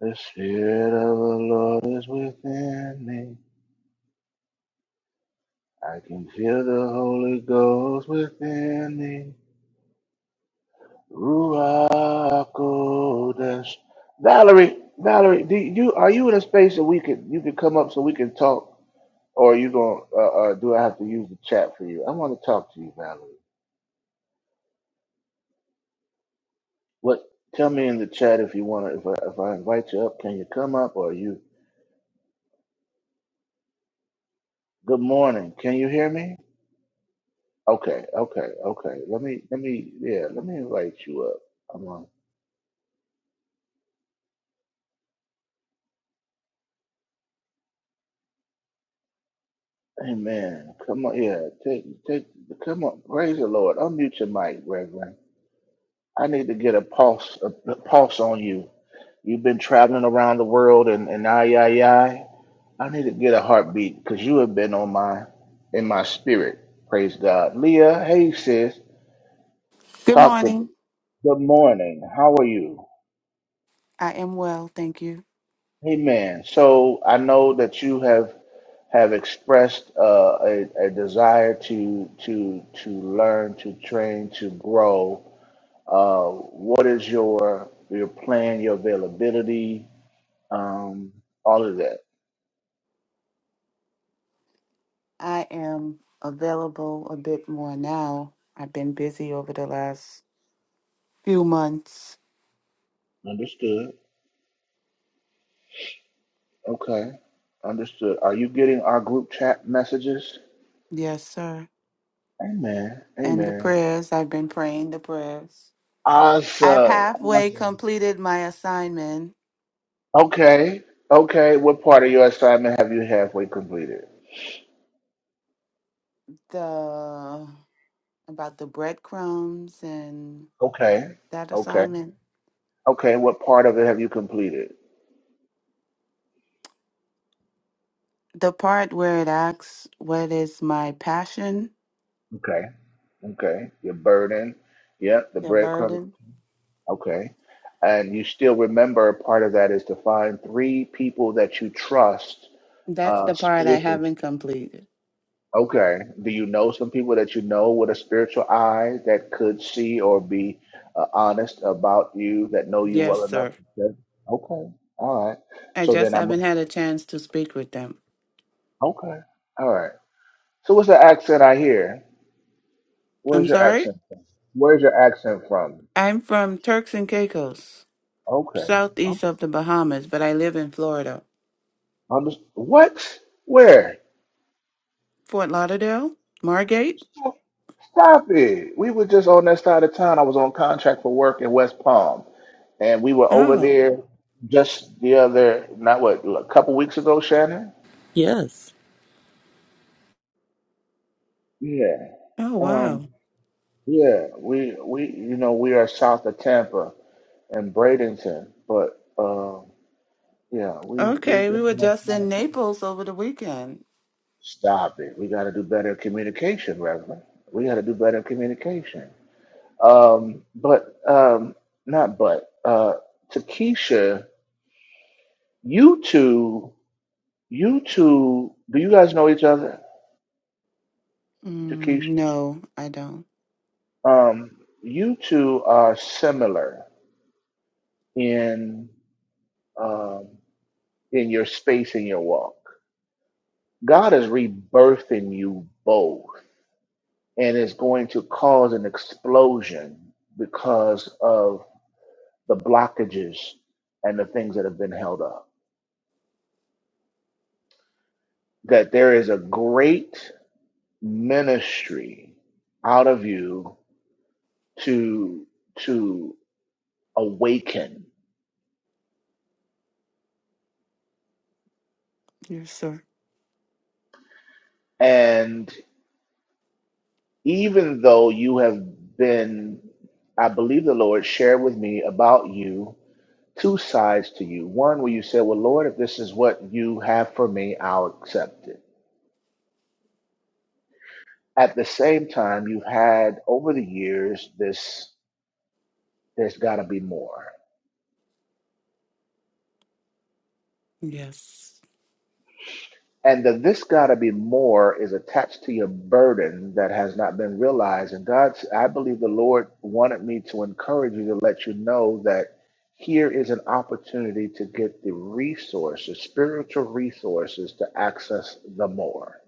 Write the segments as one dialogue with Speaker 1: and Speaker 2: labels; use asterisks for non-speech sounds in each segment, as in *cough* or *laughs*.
Speaker 1: The Spirit of the Lord is within me. I can feel the Holy Ghost within me. Ruach Kodesh. Valerie, Valerie, do you are you in a space that we could you could come up so we can talk, or are you going? to Uh, uh, do I have to use the chat for you? I want to talk to you, Valerie. What? Tell me in the chat if you want to. If I, if I invite you up, can you come up? Or are you? Good morning. Can you hear me? Okay, okay, okay. Let me, let me, yeah, let me invite you up. Come on. Amen. Come on, yeah. Take, take, come on. Praise the Lord. Unmute your mic, Reverend. I need to get a pulse, a, a pulse on you. You've been traveling around the world, and and I, I, I, I need to get a heartbeat because you have been on my, in my spirit. Praise God. Leah, hey sis,
Speaker 2: Good
Speaker 1: talk to me.
Speaker 2: morning.
Speaker 1: Good morning. How are you?
Speaker 2: I am well, thank you.
Speaker 1: Amen. So I know that you have have expressed uh, a, a desire to to to learn, to train, to grow. Uh, what is your your plan, your availability, um, all of that?
Speaker 2: I am available a bit more now. I've been busy over the last few months.
Speaker 1: Understood. Okay. Understood. Are you getting our group chat messages?
Speaker 2: Yes, sir.
Speaker 1: Amen.
Speaker 2: And the
Speaker 1: Amen.
Speaker 2: prayers, I've been praying the prayers. I've
Speaker 1: Awesome.
Speaker 2: halfway
Speaker 1: awesome.
Speaker 2: completed my assignment,
Speaker 1: Okay. Okay. What part of your assignment have you halfway completed?
Speaker 2: the about the breadcrumbs and
Speaker 1: Okay.
Speaker 2: that
Speaker 1: Okay.
Speaker 2: assignment.
Speaker 1: Okay, what part of it have you completed?
Speaker 2: The part where it asks what is my passion,
Speaker 1: Okay, okay, your burden, yeah, the
Speaker 2: the
Speaker 1: breadcrumb.
Speaker 2: burden.
Speaker 1: Okay, and you still remember part of that is to find three people that you trust.
Speaker 2: That's
Speaker 1: Uh,
Speaker 2: the part I
Speaker 1: spiritual.
Speaker 2: haven't completed.
Speaker 1: Okay, do you know some people that you know with a spiritual eye that could see or be uh, honest about you that know you
Speaker 2: Yes,
Speaker 1: well enough?
Speaker 2: sir.
Speaker 1: To say- okay, all right.
Speaker 2: I
Speaker 1: So then
Speaker 2: just
Speaker 1: I must.
Speaker 2: haven't had a chance to speak with them.
Speaker 1: Okay, all right. So what's the accent I hear? Where's
Speaker 2: I'm
Speaker 1: your
Speaker 2: sorry?
Speaker 1: accent from? Where's your accent from?
Speaker 2: I'm from Turks and Caicos,
Speaker 1: Okay. Okay.
Speaker 2: southeast of the Bahamas, but I live in Florida.
Speaker 1: I'm just, what? Where?
Speaker 2: Fort Lauderdale? Margate?
Speaker 1: Stop stop it. We were just on that side of town. I was on contract for work in West Palm, and we were over
Speaker 2: Oh,
Speaker 1: there just the other, not what, a couple weeks ago, Shannon?
Speaker 3: Yes.
Speaker 1: Yeah.
Speaker 2: oh,
Speaker 1: Um,
Speaker 2: wow.
Speaker 1: yeah, we we you know we are south of Tampa and Bradenton, but uh, yeah, we we've
Speaker 2: Okay, we
Speaker 1: been.
Speaker 2: were
Speaker 1: on that
Speaker 2: just
Speaker 1: side.
Speaker 2: in Naples over the weekend.
Speaker 1: Stop it. We got to do better at communication, Reverend. We got to do better at communication. Um, but um, not but uh, to you two, you two, do you guys know each other? To
Speaker 2: Mm, no, I don't.
Speaker 1: um, you two are similar in um, in your space in your walk. God is rebirthing you both, and is going to cause an explosion because of the blockages and the things that have been held up. That there is a great ministry out of you to to awaken.
Speaker 2: Yes, sir.
Speaker 1: And even though you have been, I believe the Lord shared with me about you two sides to you. One where you said, Well, Lord, if this is what you have for me, I'll accept it. At the same time, you've had over the years this there's gotta be more
Speaker 2: Yes.
Speaker 1: And the this gotta be more is attached to your burden that has not been realized. And God's, I believe the Lord wanted me to encourage you to let you know that here is an opportunity to get the resources, spiritual resources to access the more.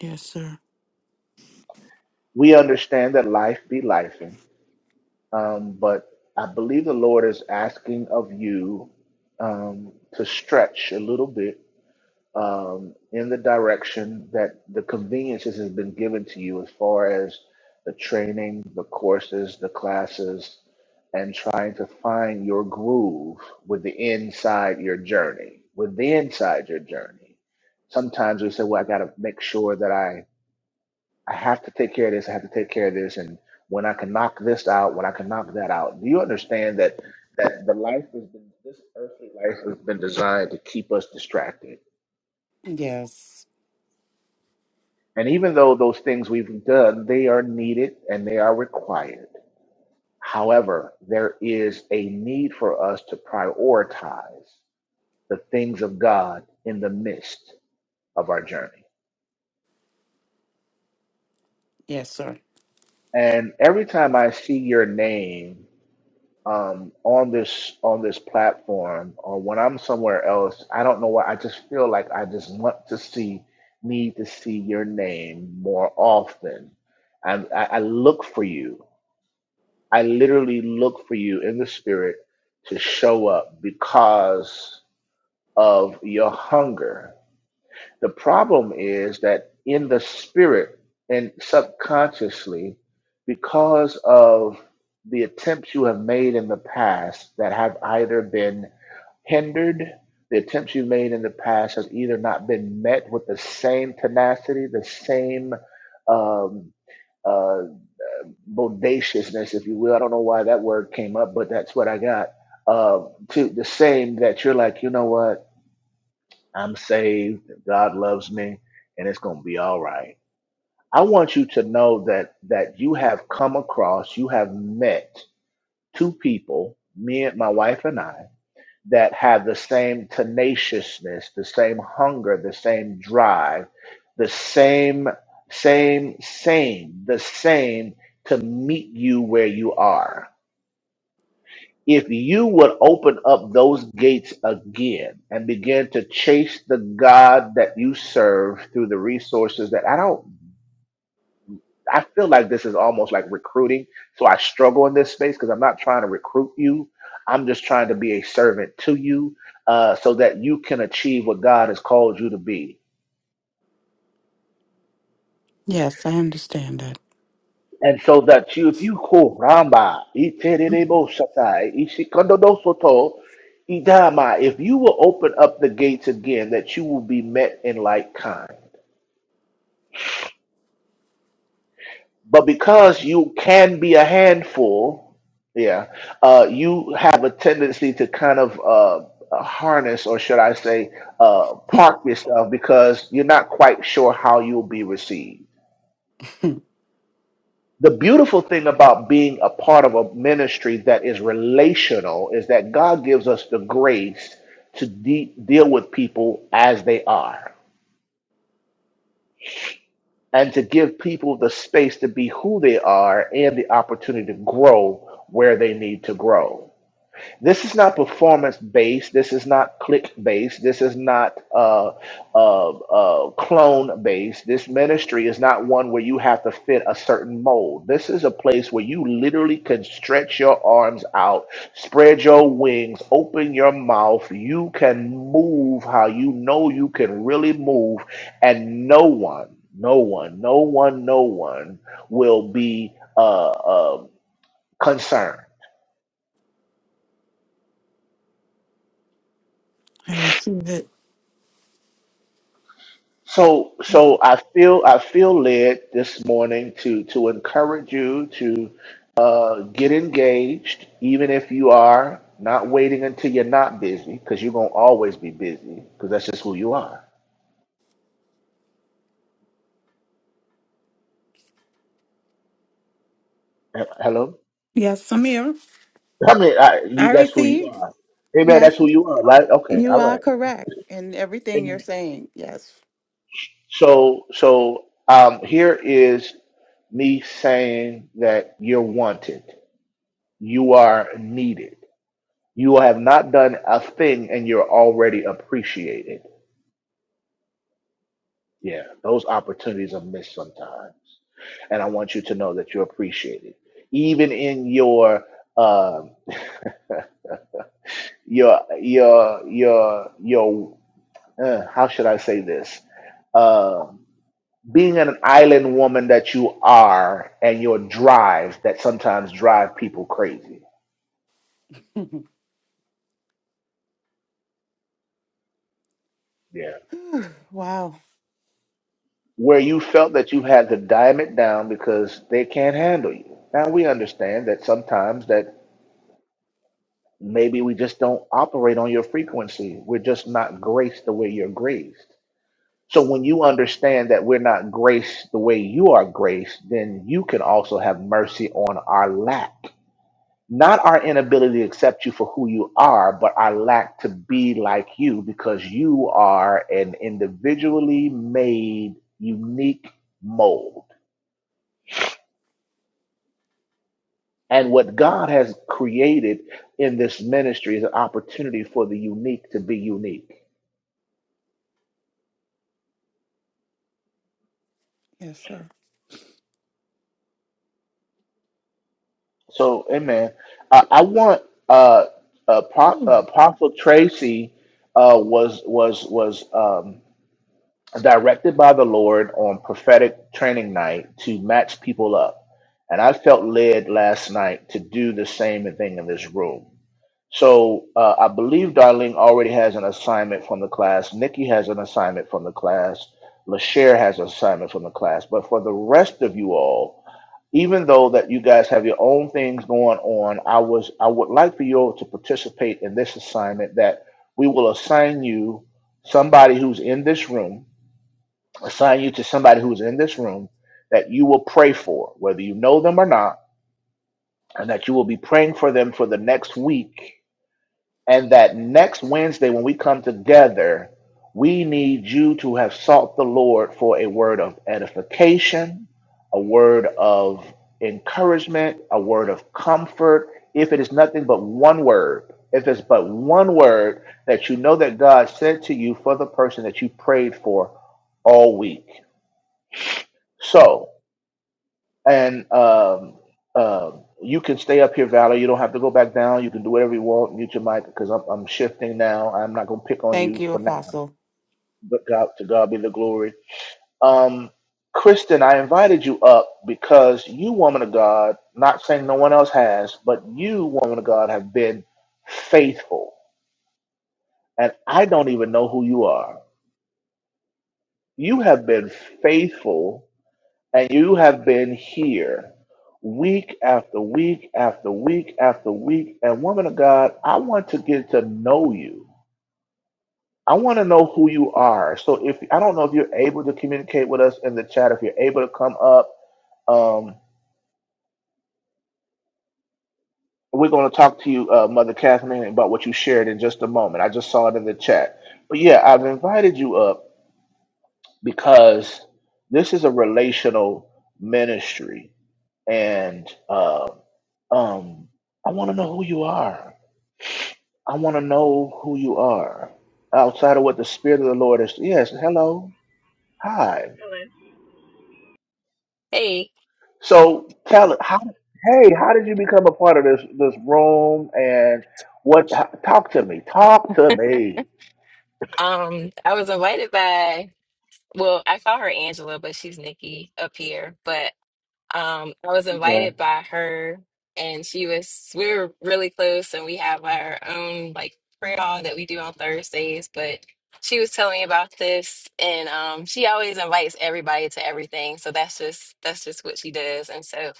Speaker 2: Yes, sir.
Speaker 1: We understand that life be lifing, um, but I believe the Lord is asking of you um, to stretch a little bit um, in the direction that the conveniences has been given to you as far as the training, the courses, the classes, and trying to find your groove with the inside your journey, with the inside your journey. Sometimes we say, well, I got to make sure that I, I have to take care of this. I have to take care of this. And when I can knock this out, when I can knock that out, do you understand that, that the life has been, this earthly life has been designed to keep us distracted?
Speaker 2: Yes.
Speaker 1: And even though those things we've done, they are needed and they are required. However, there is a need for us to prioritize the things of God in the midst of our journey.
Speaker 2: Yes, sir.
Speaker 1: And every time I see your name um, on this on this platform, or when I'm somewhere else, I don't know why. I just feel like I just want to see, need to see your name more often. I, I I look for you I literally look for you in the spirit to show up because of your hunger. The problem is that in the spirit and subconsciously, because of the attempts you have made in the past that have either been hindered, the attempts you made in the past has either not been met with the same tenacity, the same um, uh, bodaciousness, if you will. I don't know why that word came up, but that's what I got. Uh, to the same that you're like, you know what? I'm saved. God loves me, and it's gonna be all right. I want you to know that that you have come across, you have met two people, me and my wife and I, that have the same tenaciousness, the same hunger, the same drive, the same, same, same, the same to meet you where you are If you would open up those gates again and begin to chase the God that you serve through the resources that I don't, I feel like this is almost like recruiting. So I struggle in this space because I'm not trying to recruit you. I'm just trying to be a servant to you uh, so that you can achieve what God has called you to be.
Speaker 2: Yes, I understand that.
Speaker 1: And so that you, if you call Ramba, Iterebo Shatai, Ishikondo Soto, Idama, if you will open up the gates again, that you will be met in like kind. But because you can be a handful, yeah, uh, you have a tendency to kind of uh, uh, harness, or should I say, uh, park yourself because you're not quite sure how you'll be received. the beautiful thing about being a part of a ministry that is relational is that God gives us the grace to de- deal with people as they are and to give people the space to be who they are and the opportunity to grow where they need to grow. This is not performance based. This is not click based. This is not uh, uh, uh, clone based. This ministry is not one where you have to fit a certain mold. This is a place where you literally can stretch your arms out, spread your wings, open your mouth. You can move how you know you can really move, and no one, no one, no one, no one will be uh, uh, concerned
Speaker 2: *laughs* I receive it.
Speaker 1: So, so I feel I feel led this morning to to encourage you to uh, get engaged, even if you are not waiting until you're not busy, because you're gonna always be busy, because that's just who you are. He- Hello,
Speaker 2: Yes, I'm here.
Speaker 1: I mean, I, you
Speaker 2: I
Speaker 1: that's who you
Speaker 2: receive.
Speaker 1: are. Amen.
Speaker 2: Yes.
Speaker 1: That's who you are, right? Okay,
Speaker 2: You
Speaker 1: all
Speaker 2: are
Speaker 1: right.
Speaker 2: correct in everything you're
Speaker 1: Amen.
Speaker 2: saying. Yes.
Speaker 1: So, so um, here is me saying that you're wanted, you are needed You have not done a thing and you're already appreciated. Yeah, those opportunities are missed sometimes. And I want you to know that you're appreciated. Even in your um your your your your uh, how should I say this? Um being an island woman that you are and your drives that sometimes drive people crazy. Yeah
Speaker 2: *sighs* Wow.
Speaker 1: where you felt that you had to dime it down because they can't handle you. Now we understand that sometimes that maybe we just don't operate on your frequency. We're just not graced the way you're graced. So when you understand that we're not graced the way you are graced, then you can also have mercy on our lack. Not our inability to accept you for who you are, but our lack to be like you because you are an individually made unique mold And what God has created in this ministry is an opportunity for the unique to be unique.
Speaker 2: Yes, sir.
Speaker 1: So, amen. I, I want uh, uh, Pro-
Speaker 2: *sighs*
Speaker 1: uh, Apostle Tracy uh, was was was um, directed by the Lord on prophetic training night to match people up, and I felt led last night to do the same thing in this room. So uh, I believe Darlene already has an assignment from the class. Nikki has an assignment from the class. LaShare has an assignment from the class. But for the rest of you all, even though that you guys have your own things going on, I was I would like for you all to participate in this assignment that we will assign you somebody who's in this room, assign you to somebody who's in this room that you will pray for, whether you know them or not, and that you will be praying for them for the next week and that next Wednesday, when we come together, we need you to have sought the Lord for a word of edification, a word of encouragement, a word of comfort. If it is nothing but one word, if it's but one word that you know that God sent to you for the person that you prayed for all week. So, and um, um, you can stay up here, Valor. You don't have to go back down. You can do whatever you want. Mute your mic because I'm, I'm shifting now. I'm not gonna pick on
Speaker 2: Thank
Speaker 1: you
Speaker 2: you,
Speaker 1: for now.
Speaker 2: Apostle.
Speaker 1: But God, to God be the glory. Um, Kristen, I invited you up because you, woman of God, not saying no one else has, but you, woman of God, have been faithful, and I don't even know who you are. You have been faithful And you have been here week after week after week after week. And woman of God, I want to get to know you. I want to know who you are. So if I don't know if you're able to communicate with us in the chat, if you're able to come up, um, we're going to talk to you, uh, Mother Kathleen, about what you shared in just a moment. I just saw it in the chat. But yeah, I've invited you up because this is a relational ministry. And uh, Um, I want to know who you are. I want to know who you are outside of what the Spirit of the Lord is. Yes, hello, hi.
Speaker 4: Ellen. Hey,
Speaker 1: So tell it how. Hey, how did you become a part of this this room? And what? Talk to me. Talk to me.
Speaker 4: um, I was invited by, well, I call her Angela, but she's Nikki up here. But um, I was
Speaker 1: Okay.
Speaker 4: invited by her, and she was, we were really close, and we have our own like prayer hall that we do on Thursdays. But she was telling me about this, and um, she always invites everybody to everything. So that's just that's just what she does. And so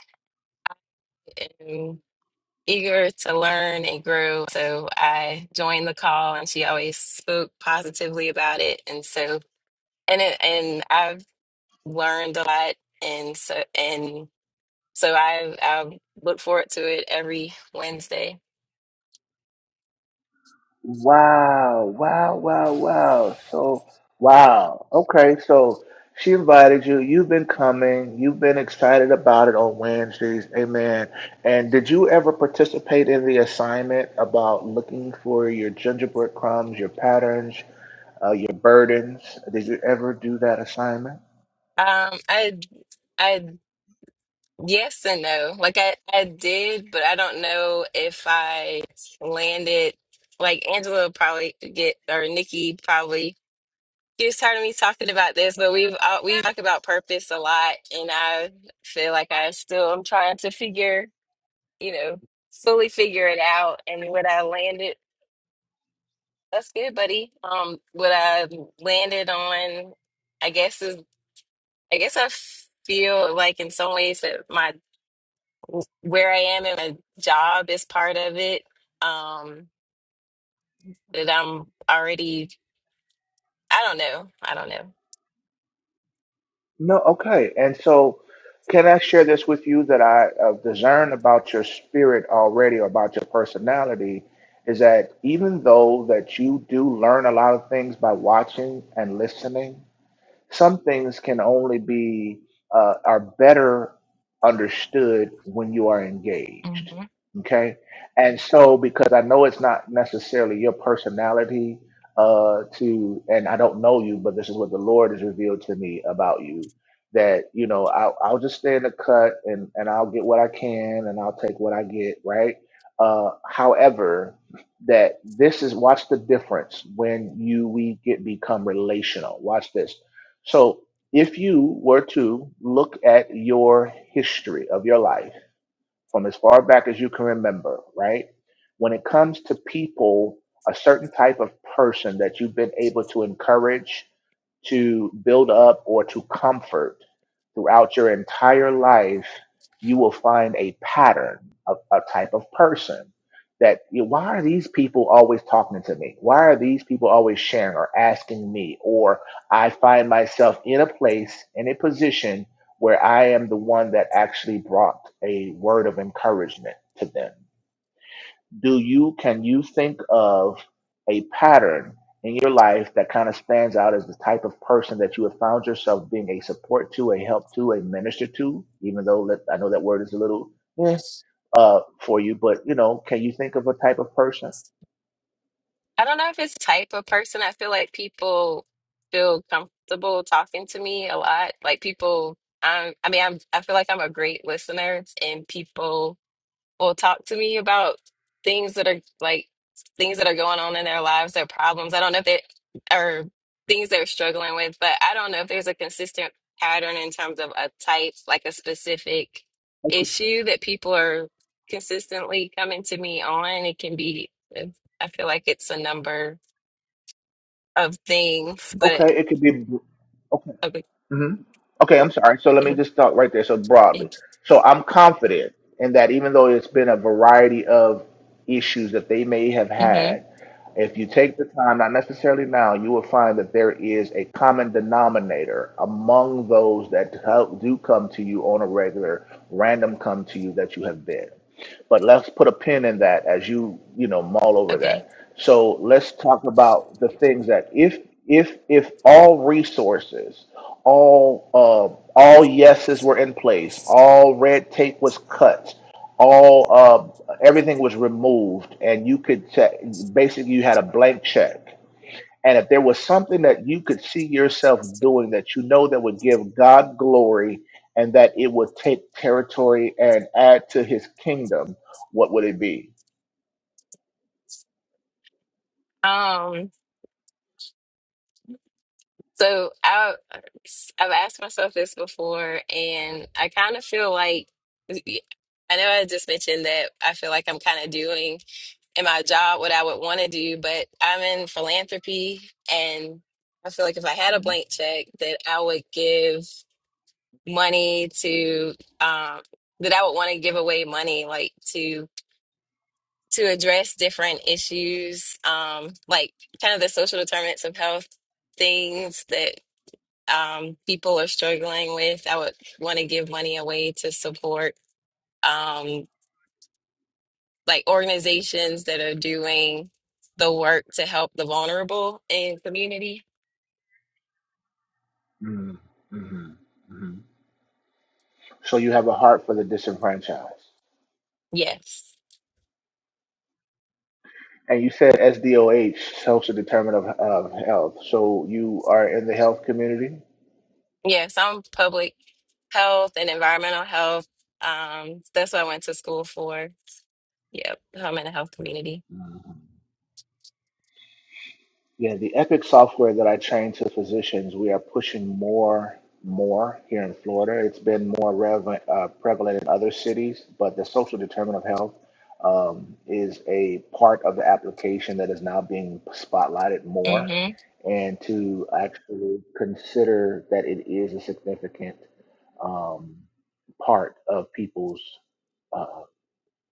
Speaker 4: eager to learn and grow. So I joined the call and she always spoke positively about it. And so and it, and I've learned a lot and so and so I I look forward to it every Wednesday.
Speaker 1: Wow, wow, wow, wow. So, wow. Okay, so she invited you. You've been coming. You've been excited about it on Wednesdays. Amen. And did you ever participate in the assignment about looking for your gingerbread crumbs, your patterns, uh, your burdens? Did you ever do that assignment?
Speaker 4: Um I I yes and no. Like I I did, but I don't know if I landed like Angela probably get or Nikki probably You've tired me talking about this, but we've uh, we talked about purpose a lot, and I feel like I still am trying to figure, you know, fully figure it out. And what I landed, that's good, buddy. Um, what I landed on, I guess is, I guess I feel like in some ways that my where I am in my job is part of it. Um, that I'm already, I don't know, I don't know.
Speaker 1: No, okay. And so, can I share this with you that I uh, discern about your spirit already, or about your personality, is that even though that you do learn a lot of things by watching and listening, some things can only be uh, are better understood when you are engaged
Speaker 4: Mm-hmm.
Speaker 1: okay and so because i know it's not necessarily your personality uh to and i don't know you but this is what the lord has revealed to me about you that you know i'll, I'll just stay in the cut and and i'll get what i can and i'll take what i get right uh however that this is watch the difference when you we get become relational watch this so if you were to look at your history of your life from as far back as you can remember, right? When it comes to people, a certain type of person that you've been able to encourage to build up or to comfort throughout your entire life, you will find a pattern of a type of person that you know, why are these people always talking to me? Why are these people always sharing or asking me? Or I find myself in a place, in a position where I am the one that actually brought a word of encouragement to them do you can you think of a pattern in your life that kind of stands out as the type of person that you have found yourself being a support to, a help to, a minister to, even though that, I know that word is a little eh, uh for you, but you know, can you think of a type of person?
Speaker 4: I don't know if it's type of person. I feel like people feel comfortable talking to me a lot. Like people, I'm, I mean, I'm, I feel like I'm a great listener, and people will talk to me about things that are like things that are going on in their lives, their problems. I don't know if they are things they're struggling with, but I don't know if there's a consistent pattern in terms of a type, like a specific
Speaker 1: Okay,
Speaker 4: issue that people are consistently coming to me on. It can be, eh, I feel like it's a number of things, but
Speaker 1: okay, it could be okay.
Speaker 4: okay.
Speaker 1: hmm Okay, I'm sorry. So let me just start right there. So broadly, so I'm confident in that even though it's been a variety of issues that they may have
Speaker 4: hmm
Speaker 1: had, if you take the time, not necessarily now, you will find that there is a common denominator among those that do do come to you on a regular, random come to you that you have been. But let's put a pin in that as you, you know, mull over
Speaker 4: Okay.
Speaker 1: that. So let's talk about the things that if if if all resources, all uh, all yeses were in place, all red tape was cut, all uh, everything was removed, and you could check. Basically, you had a blank check and if there was something that you could see yourself doing that you know that would give God glory and that it would take territory and add to his kingdom, what would it be?
Speaker 4: Um, So I, I've asked myself this before, and I kind of feel like I know I just mentioned that I feel like I'm kind of doing in my job what I would want to do, but I'm in philanthropy, and I feel like if I had a blank check, that I would give money to um, that I would want to give away money like to to address different issues, um, like kind of the social determinants of health things that um, people are struggling with. I would want to give money away to support um, like organizations that are doing the work to help the vulnerable in community.
Speaker 1: So you have a heart for the disenfranchised.
Speaker 4: Yes,
Speaker 1: And you said SDOH, social determinant of, of health. So you are in the health community?
Speaker 4: yes, I'm public health and environmental health. Um, that's what I went to school for. Yep, home and the health community.
Speaker 1: Yeah, the Epic software that I train to physicians, we are pushing more, more here in Florida. It's been more relevant, uh, prevalent in other cities, but the social determinant of health um, is a part of the application that is now being spotlighted more.
Speaker 4: Mm-hmm.
Speaker 1: And to actually consider that it is a significant um, part of people's uh,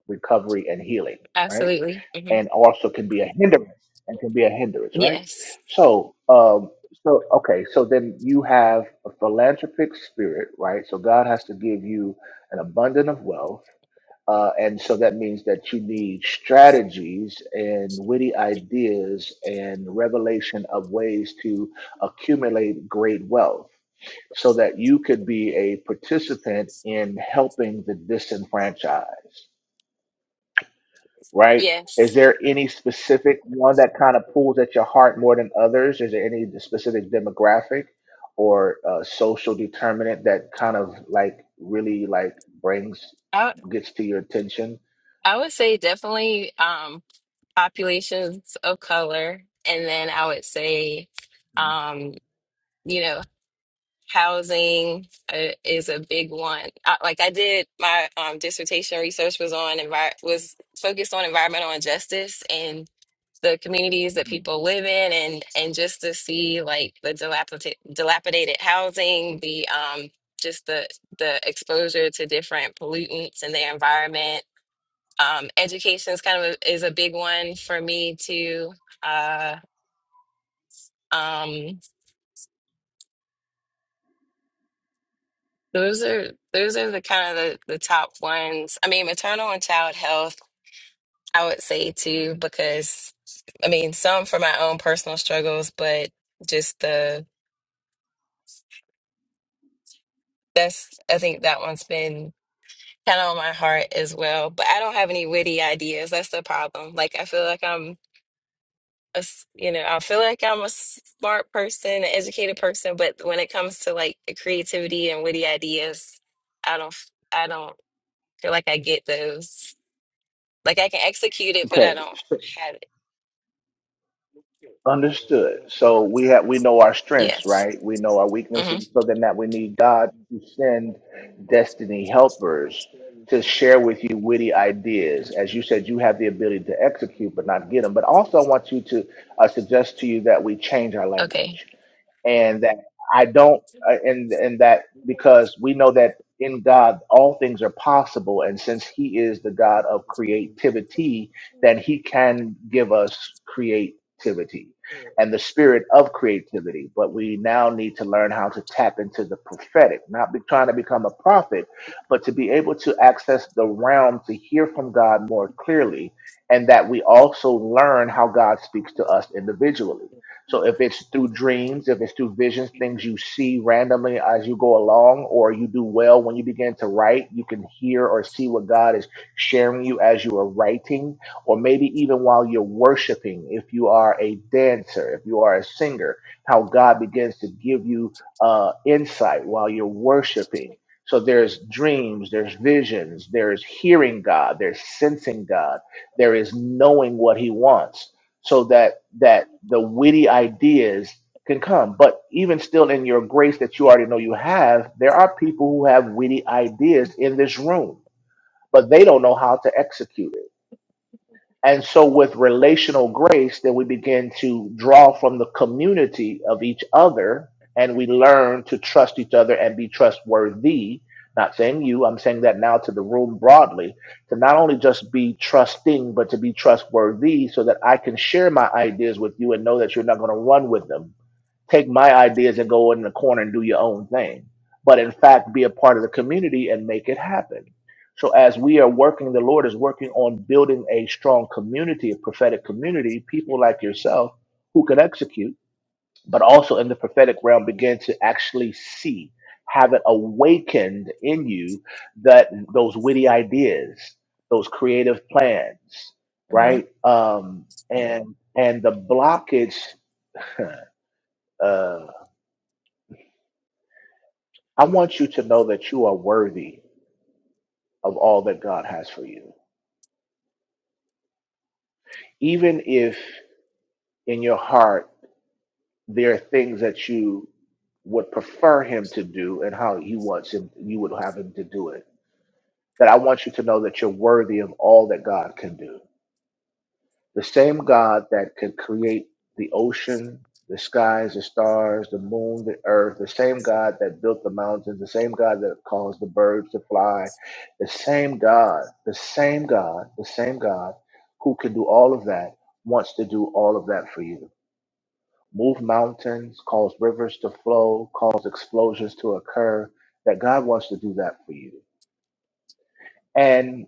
Speaker 1: recovery and healing, right?
Speaker 4: Absolutely. hmm
Speaker 1: and also can be a hindrance and can be a hindrance, right?
Speaker 4: Yes,
Speaker 1: So, um, so okay, so then you have a philanthropic spirit, right? So God has to give you an abundant of wealth, uh, and so that means that you need strategies and witty ideas and revelation of ways to accumulate great wealth. So that you could be a participant in helping the disenfranchised right? Is
Speaker 4: yes.
Speaker 1: there any specific one that kind of pulls at your heart more than others? Is there any specific demographic or uh, social determinant that kind of like really like brings
Speaker 4: I
Speaker 1: gets to your attention?
Speaker 4: I would say definitely. Um, populations of color, and then I would say, um, you know, housing uh, is a big one. I, like I did my um, dissertation research was on envi- was focused on environmental injustice and the communities that people live in, and and just to see like the dilapidated dilapidated housing, the um, just the the exposure to different pollutants in their environment um, education is kind of a, is a big one for me too. Uh, um, those are those are the kind of the, the top ones. I mean, maternal and child health, I would say too, because I mean, some for my own personal struggles, but just the that's I think that one's been kind of on my heart as well. But I don't have any witty ideas. That's the problem. Like I feel like I'm a s- you know, I feel like I'm a smart person, an educated person, but when it comes to like the creativity and witty ideas, I don't, f- I don't feel like I get those. Like I can execute it, but I
Speaker 1: Okay,
Speaker 4: don't
Speaker 1: so
Speaker 4: have it.
Speaker 1: Understood. So we have we know our strengths,
Speaker 4: Yes.
Speaker 1: right? We know our
Speaker 4: hmm
Speaker 1: weaknesses. So then that we need God to send destiny helpers to share with you witty ideas. As you said, you have the ability to execute but not get them. But also I want you to I suggest to you that we change our
Speaker 4: Okay.
Speaker 1: language and that I don't, uh, and and that because we know that in God all things are possible, and since He is the God of creativity, then He can give us creativity and the spirit of creativity. But we now need to learn how to tap into the prophetic, not be trying to become a prophet, but to be able to access the realm to hear from God more clearly. And that we also learn how God speaks to us individually so if it's through dreams, if it's through visions, things you see randomly as you go along, or you do well when you begin to write, you can hear or see what God is sharing you as you are writing, or maybe even while you're worshiping, if you are a dancer, if you are a singer, how God begins to give you uh, insight while you're worshiping. So there's dreams, there's visions, there's hearing God, there's sensing God, there is knowing what He wants so that that the witty ideas can come. But even still, in your grace that you already know you have, there are people who have witty ideas in this room, but they don't know how to execute. And so, with relational grace, then we begin to draw from the community of each other and we learn to trust each other and be trustworthy. Not saying you, I'm saying that now to the room broadly, to not only just be trusting, but to be trustworthy so that I can share my ideas with you and know that you're not going to run with them take my ideas and go in the corner and do your own thing, but in fact, be a part of the community and make it happen. So, as we are working, the Lord is working on building a strong community, a prophetic community, people like yourself who can execute, but also in the prophetic realm, begin to actually see, have it awakened in you that those witty ideas, those creative plans,
Speaker 4: hmm
Speaker 1: right? Um, and and the blockage *laughs* I want you to know that you are worthy of all that God has for you. Even if in your heart there are things that you would prefer him to do and how he wants him you would have him to do it. That I want you to know that you're worthy of all that God can do. The same God that could create the ocean, the skies, the stars, the moon, the earth, the same God that built the mountains, the same God that caused the birds to fly, the same God, the same God, the same God who can do all of that wants to do all of that for you. Move mountains, cause rivers to flow, cause explosions to occur, that God wants to do that for you. and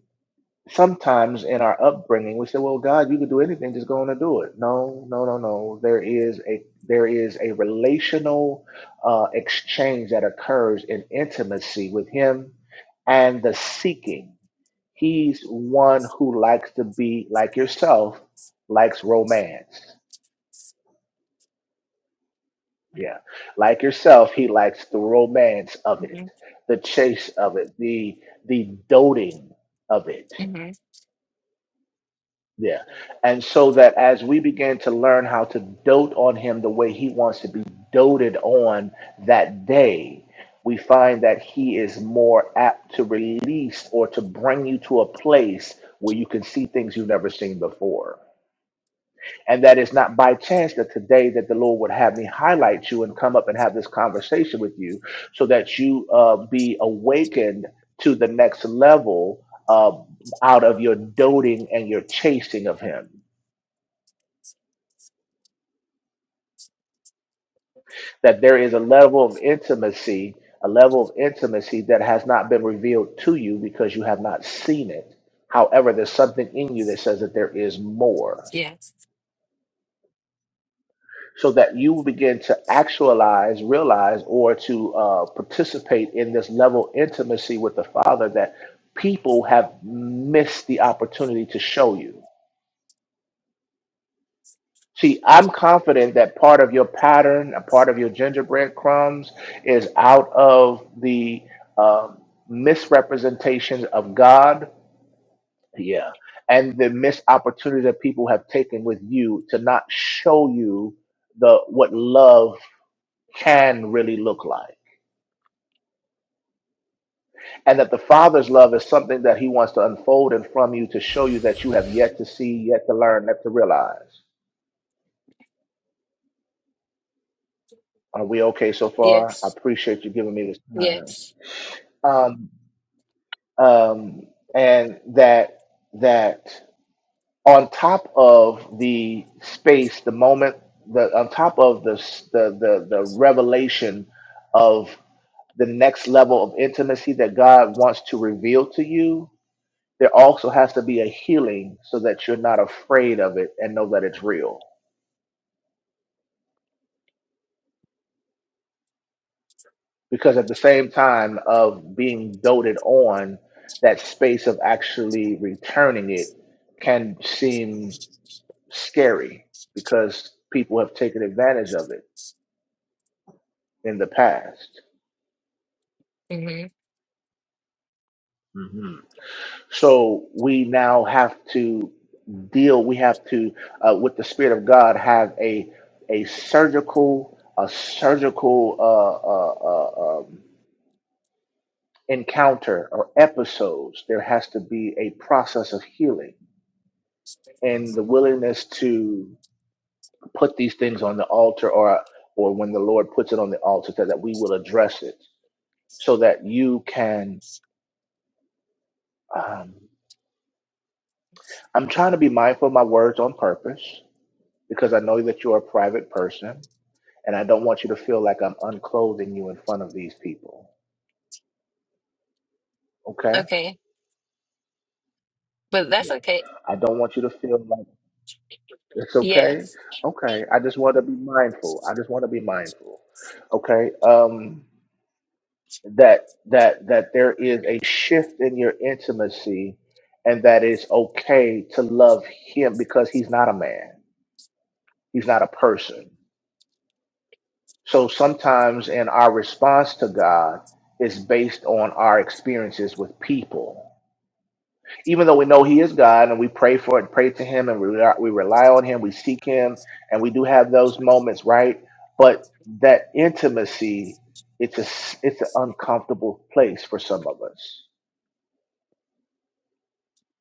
Speaker 1: sometimes in our upbringing we say well god you could do anything just go on and do it no no no no there is a there is a relational uh, exchange that occurs in intimacy with him and the seeking he's one who likes to be like yourself likes romance yeah like yourself he likes the romance of it
Speaker 4: hmm
Speaker 1: the chase of it the the doting of it
Speaker 4: hmm
Speaker 1: Yeah. And so that as we begin to learn how to dote on him the way he wants to be doted on that day, we find that he is more apt to release or to bring you to a place where you can see things you've never seen before. And that is not by chance that today that the Lord would have me highlight you and come up and have this conversation with you so that you uh, be awakened to the next level uh, out of your doting and your chasing of him that there is a level of intimacy, a level of intimacy that has not been revealed to you because you have not seen it. However, there's something in you that says that there is more,
Speaker 4: Yes.
Speaker 1: so that you will begin to actualize, realize, or to uh, participate in this level of intimacy with the Father that people have missed the opportunity to show you See, I'm confident that part of your pattern, a part of your gingerbread crumbs, is out of the um misrepresentations of God. Yeah. And the missed opportunity that people have taken with you to not show you the what love can really look like. And that the Father's love is something that He wants to unfold in from you to show you that you have yet to see, yet to learn, yet to realize. Are we okay so far? I
Speaker 4: Yes.
Speaker 1: appreciate you giving me this time.
Speaker 4: Yes.
Speaker 1: Um, um, and that that on top of the space, the moment, the on top of the s- the the, the revelation of the next level of intimacy that God wants to reveal to you, there also has to be a healing so that you're not afraid of it and know that it's real. Because at the same time of being doted on, that space of actually returning it can seem scary because people have taken advantage of it in the past.
Speaker 4: hmm
Speaker 1: hmm So we now have to deal. We have to, uh, with the Spirit of God, have a a surgical a surgical uh, uh, uh, um, encounter or episodes. There has to be a process of healing and the willingness to put these things on the altar, or or when the Lord puts it on the altar, that, that we will address it, so that you can. Um, I'm trying to be mindful of my words on purpose because I know that you're a private person and I don't want you to feel like I'm unclothing you in front of these people. Okay?
Speaker 4: Okay. But that's
Speaker 1: Yeah.
Speaker 4: okay.
Speaker 1: I don't want you to feel like it's okay.
Speaker 4: Yes.
Speaker 1: Okay. I just want to be mindful. I just want to be mindful. Okay? Um that that that there is a shift in your intimacy and that it's okay to love him because he's not a man. He's not a person. So sometimes in our response to God is based on our experiences with people. Even though we know He is God and we pray for it, pray to Him and we rely, we rely on Him, we seek Him, and we do have those moments, right? But that intimacy, it's a s- it's an uncomfortable place for some of us.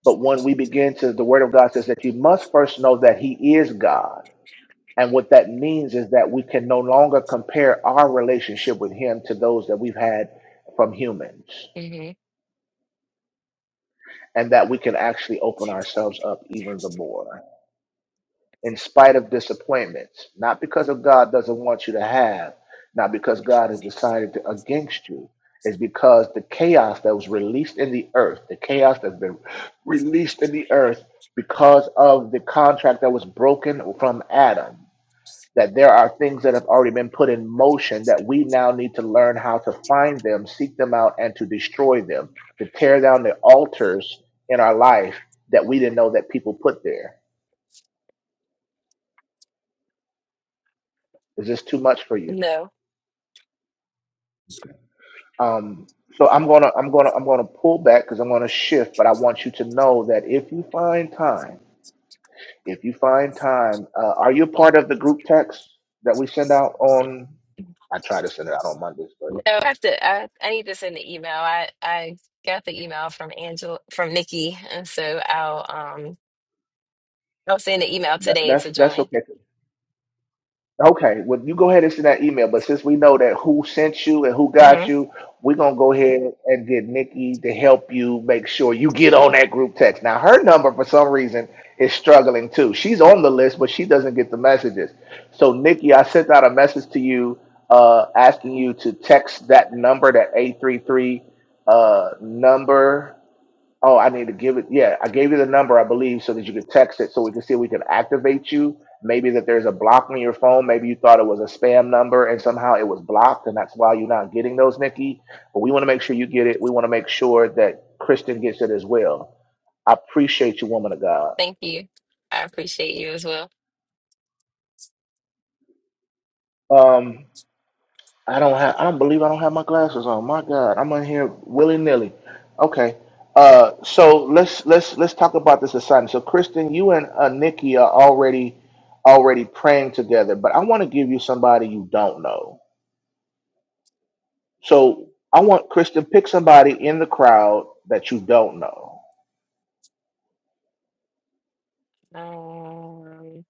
Speaker 1: But when we begin to, the Word of God says that you must first know that He is God And what that means is that we can no longer compare our relationship with Him to those that we've had from humans,
Speaker 4: hmm
Speaker 1: and that we can actually open ourselves up even the more. In spite of disappointments, not because of God doesn't want you to have, not because God has decided to, against you, is because the chaos that was released in the earth, the chaos that's been released in the earth because of the contract that was broken from Adam that there are things that have already been put in motion that we now need to learn how to find them, seek them out, and to destroy them, to tear down the altars in our life that we didn't know that people put there. Is this too much for you?
Speaker 4: No.
Speaker 1: Um, so I'm gonna I'm gonna I'm gonna pull back because I'm gonna shift, but I want you to know that if you find time, if you find time, uh, are you part of the group text that we send out on? I try to send it out on Mondays, but
Speaker 4: No, I have to. I, I need to send the email. I I got the email from Angela from Nikki, and so I'll um I'll send the email
Speaker 1: that,
Speaker 4: today
Speaker 1: that's
Speaker 4: to
Speaker 1: that's
Speaker 4: join.
Speaker 1: okay. Okay, well, you go ahead and send that email. But since we know that who sent you and who
Speaker 4: hmm
Speaker 1: got you, we're gonna go ahead and get Nikki to help you make sure you get on that group text. Now, her number for some reason is struggling too. She's on the list, but she doesn't get the messages. So, Nikki, I sent out a message to you uh, asking you to text that number, that eight three three uh number Oh, I need to give it. Yeah, I gave you the number, I believe, so that you could text it so we can see if we can activate you. Maybe that there's a block on your phone. Maybe you thought it was a spam number and somehow it was blocked, and that's why you're not getting those, Nikki. But we want to make sure you get it. We want to make sure that Kristen gets it as well. I appreciate you, woman of God.
Speaker 4: Thank you. I appreciate you as well.
Speaker 1: Um, I don't have. I don't believe I don't have my glasses on. My God, I'm in here willy nilly. Okay. Uh, so let's let's let's talk about this assignment. So, Kristen, you and uh, Nikki are already already praying together, but I want to give you somebody you don't know. So, I want Kristen pick somebody in the crowd that you don't know.
Speaker 4: Um,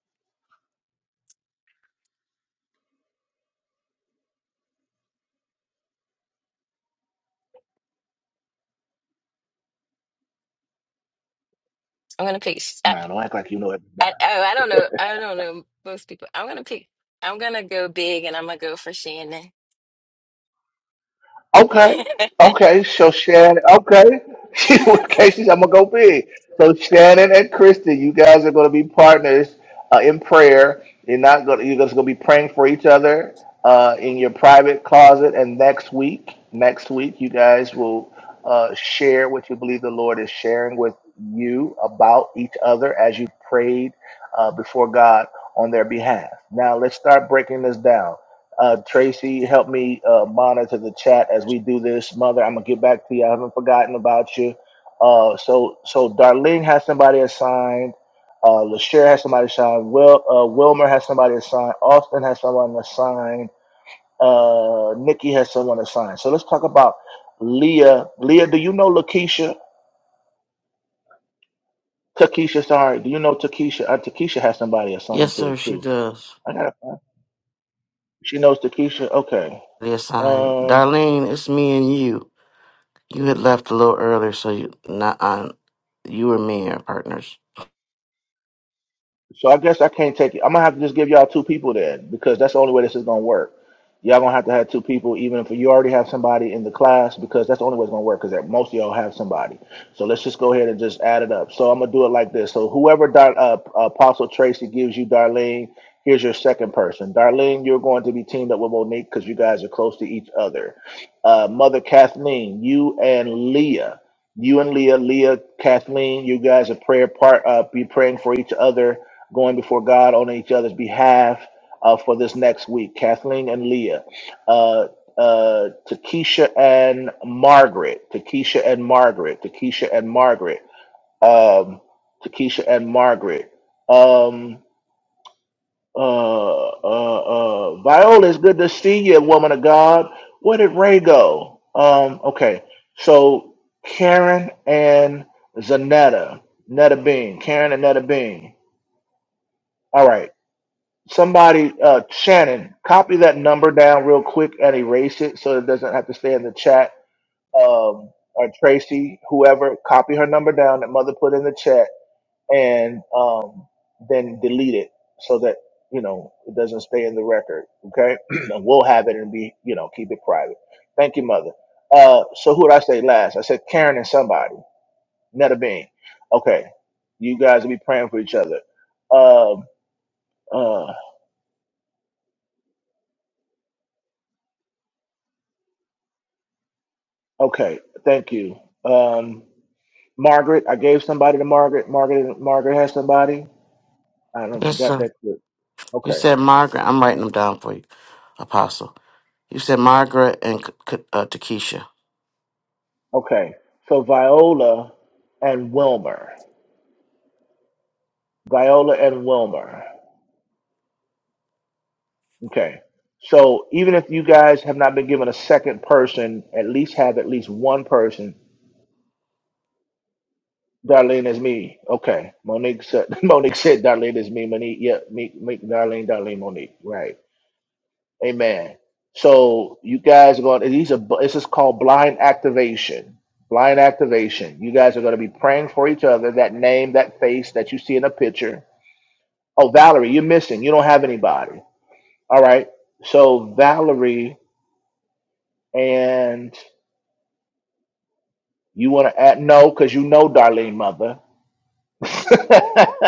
Speaker 4: I'm gonna pick. sh- I,
Speaker 1: Now, don't act like you know everybody.
Speaker 4: I oh I don't know. I don't know most people. I'm gonna pick. I'm gonna go big, and I'm gonna go for Shannon.
Speaker 1: Okay.
Speaker 4: *laughs*
Speaker 1: Okay. So Shannon. Okay. *laughs* She okay. She's. I'm gonna go big. So Shannon and Kristen, you guys are gonna be partners uh, in prayer. You're not gonna. You're just gonna be praying for each other uh, in your private closet. And next week, next week, you guys will uh, share what you believe the Lord is sharing with you about each other as you prayed uh, before God on their behalf. Now let's start breaking this down. Uh, Tracy, help me uh, monitor the chat as we do this. Mother, I'm gonna get back to you. I haven't forgotten about you. Uh, so, so Darlene has somebody assigned. Uh, LaShare has somebody assigned. Will uh, Wilmer has somebody assigned. Austin has someone assigned. Uh, Nikki has someone assigned. So let's talk about Leah. Leah, do you know Lakeisha? Takesha, sorry. Do you know Takesha? Uh, Takesha has somebody assigned
Speaker 5: Yes,
Speaker 1: to
Speaker 5: sir,
Speaker 1: it
Speaker 5: she
Speaker 1: too.
Speaker 5: does.
Speaker 1: I got. to She knows Takesha. Okay.
Speaker 5: The assign.
Speaker 1: Um,
Speaker 5: Darlene, it's me and you. You had left a little earlier, so you not on. You and me are partners.
Speaker 1: So I guess I can't take it. I'm gonna have to just give y'all two people then, because that's the only way this is gonna work. Y'all gonna have to have two people, even if you already have somebody in the class, because that's the only way it's gonna work. Because most of y'all have somebody. So let's just go ahead and just add it up. So I'm gonna do it like this. So whoever Dar- uh, Apostle Tracy gives you, Darlene, here's your second person. Darlene, you're going to be teamed up with Monique because you guys are close to each other. Uh, Mother Kathleen, you and Leah, you and Leah, Leah, Kathleen, you guys are prayer part. Uh, be praying for each other going before God on each other's behalf uh, for this next week. Kathleen and Leah, uh, uh, Takesha and Margaret, Takesha and Margaret, Takesha and Margaret, um, Takesha and Margaret. Um, uh, uh, uh, Viola, it's good to see you, woman of God. Where did Ray go? Um, okay, so Karen and Zanetta, Netta Bean, Karen and Netta Bean. All right. Somebody, uh, Shannon, copy that number down real quick and erase it so it doesn't have to stay in the chat. Um, or Tracy, whoever, copy her number down that mother put in the chat and um, then delete it so that you know it doesn't stay in the record. Okay, *clears throat* and we'll have it and be you know keep it private. Thank you, mother. Uh, so who did I say last? I said Karen and somebody, Netta Bean. Okay, you guys will be praying for each other. Um, uh, Okay, thank you. Um, Margaret, I gave somebody to Margaret. Margaret, Margaret has somebody. I don't
Speaker 5: Yes,
Speaker 1: forgot
Speaker 5: sir.
Speaker 1: that. clip.
Speaker 5: You
Speaker 1: Okay,
Speaker 5: said Margaret. I'm writing them down for you, Apostle. You said Margaret and K- K- uh, Takesha.
Speaker 1: okay. So Viola and Wilmer. Viola and Wilmer. Okay. So even if you guys have not been given a second person, at least have at least one person. Darlene is me. Okay. Monique said. *laughs* Monique said Darlene is me. Monique. Yeah. Me. me Darlene. Darlene. Monique. Right. Amen. So you guys are going. These are. This is called blind activation. Blind activation. You guys are going to be praying for each other. That name, that face that you see in a picture. Oh, Valerie, you're missing. You don't have anybody. All right. So Valerie and you want to add no because you know Darlene mother. *laughs*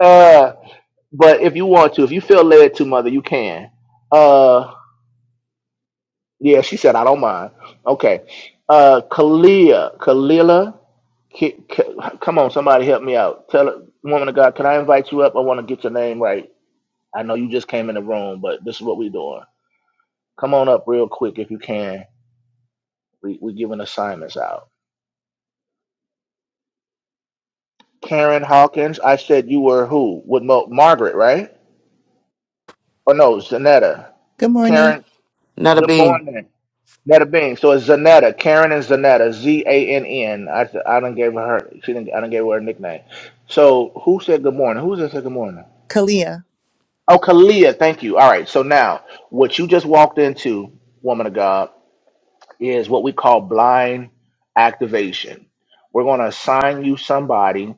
Speaker 1: uh, but if you want to, if you feel led to mother, you can. Uh. Yeah, she said I don't mind. Okay, uh, Kalia, Kalila, K- K- come on, somebody help me out. Tell her- woman of God, can I invite you up? I want to get your name right. I know you just came in the room, but this is what we're doing. Come on up real quick if you can. We, we're giving assignments out. Karen Hawkins, I said you were who? With Mo- Margaret, right? Or no, Zanetta.
Speaker 6: Good morning,
Speaker 1: Karen,
Speaker 5: Not a
Speaker 1: good
Speaker 5: bean.
Speaker 1: morning. Netta Bean. So it's Zanetta, Karen and Zanetta, Z A N N. I I done gave her she didn't I done gave her a nickname. So who said good morning? Who just said good morning?
Speaker 6: Kalia.
Speaker 1: Oh, Kalia, thank you. All right. So now what you just walked into, woman of God, is what we call blind activation. We're gonna assign you somebody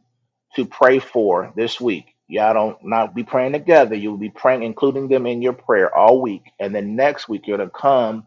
Speaker 1: to pray for this week. Y'all don't not be praying together. You'll be praying, including them in your prayer all week. And then next week you're gonna come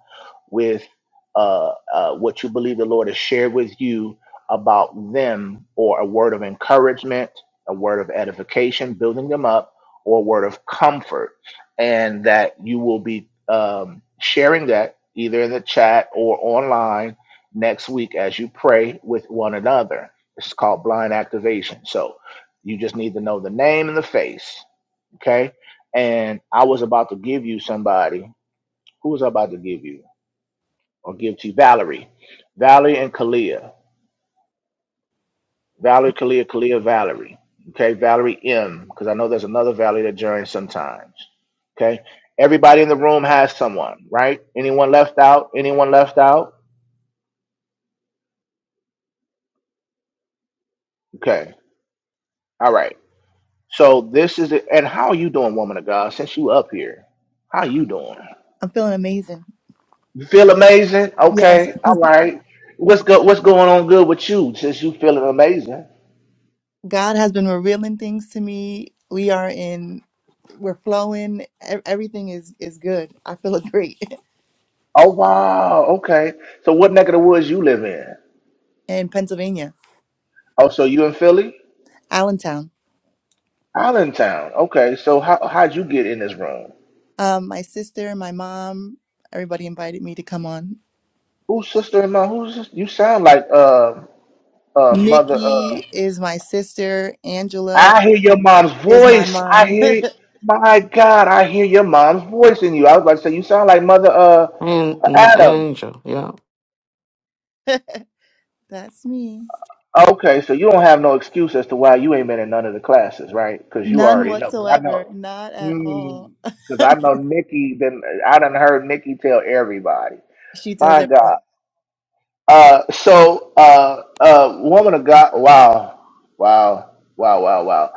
Speaker 1: with uh, uh, what you believe the Lord has shared with you about them, or a word of encouragement, a word of edification, building them up, or a word of comfort, and that you will be um, sharing that either in the chat or online next week as you pray with one another. It's called blind activation. So you just need to know the name and the face, okay? And I was about to give you somebody. Who was I about to give you? or give to Valerie. Valerie and Kalia. Valerie, Kalia, Kalia, Valerie. Okay, Valerie M, because I know there's another Valerie that joins sometimes. Okay. Everybody in the room has someone, right? Anyone left out? Anyone left out? Okay. All right. So this is it. And how are you doing, woman of God? Since you up here, how you doing?
Speaker 6: I'm feeling amazing.
Speaker 1: You feel amazing?
Speaker 6: Yes,
Speaker 1: Okay. All right. What's good? What's going on good with you since you feeling amazing?
Speaker 6: God has been revealing things to me. We are in, we're flowing. E- Everything is is good. I feel great
Speaker 1: Oh wow. Okay. So what neck of the woods you live in?
Speaker 6: *laughs* in Pennsylvania,
Speaker 1: Oh, so you in Philly?
Speaker 6: Allentown.
Speaker 1: Allentown. Okay. So how how'd you get in this room?
Speaker 6: Um, my sister, my mom, everybody invited me to come on.
Speaker 1: Who's sister in law? Who's sis- you sound like uh uh mother uh
Speaker 6: Nikki is my sister. Angela
Speaker 1: I hear your mom's
Speaker 6: is my
Speaker 1: voice. I
Speaker 6: mom. *laughs*
Speaker 1: hear my God, I hear your mom's voice in you. I was about to say you sound like mother uh
Speaker 5: And, and
Speaker 1: Adams.
Speaker 5: Angel. Yeah.
Speaker 6: That's me.
Speaker 1: Okay, so you don't have no excuse as to why you ain't been in none of the classes, right? Because you
Speaker 6: None
Speaker 1: already know. 'Cause I
Speaker 6: whatsoever.
Speaker 1: know.
Speaker 6: Not at all.
Speaker 1: Because I know Nikki. Then I done heard Nikki tell everybody.
Speaker 6: *laughs* she tells
Speaker 1: My
Speaker 6: everyone.
Speaker 1: God. Uh, so, uh, uh, woman of God, wow, wow, wow, wow, wow.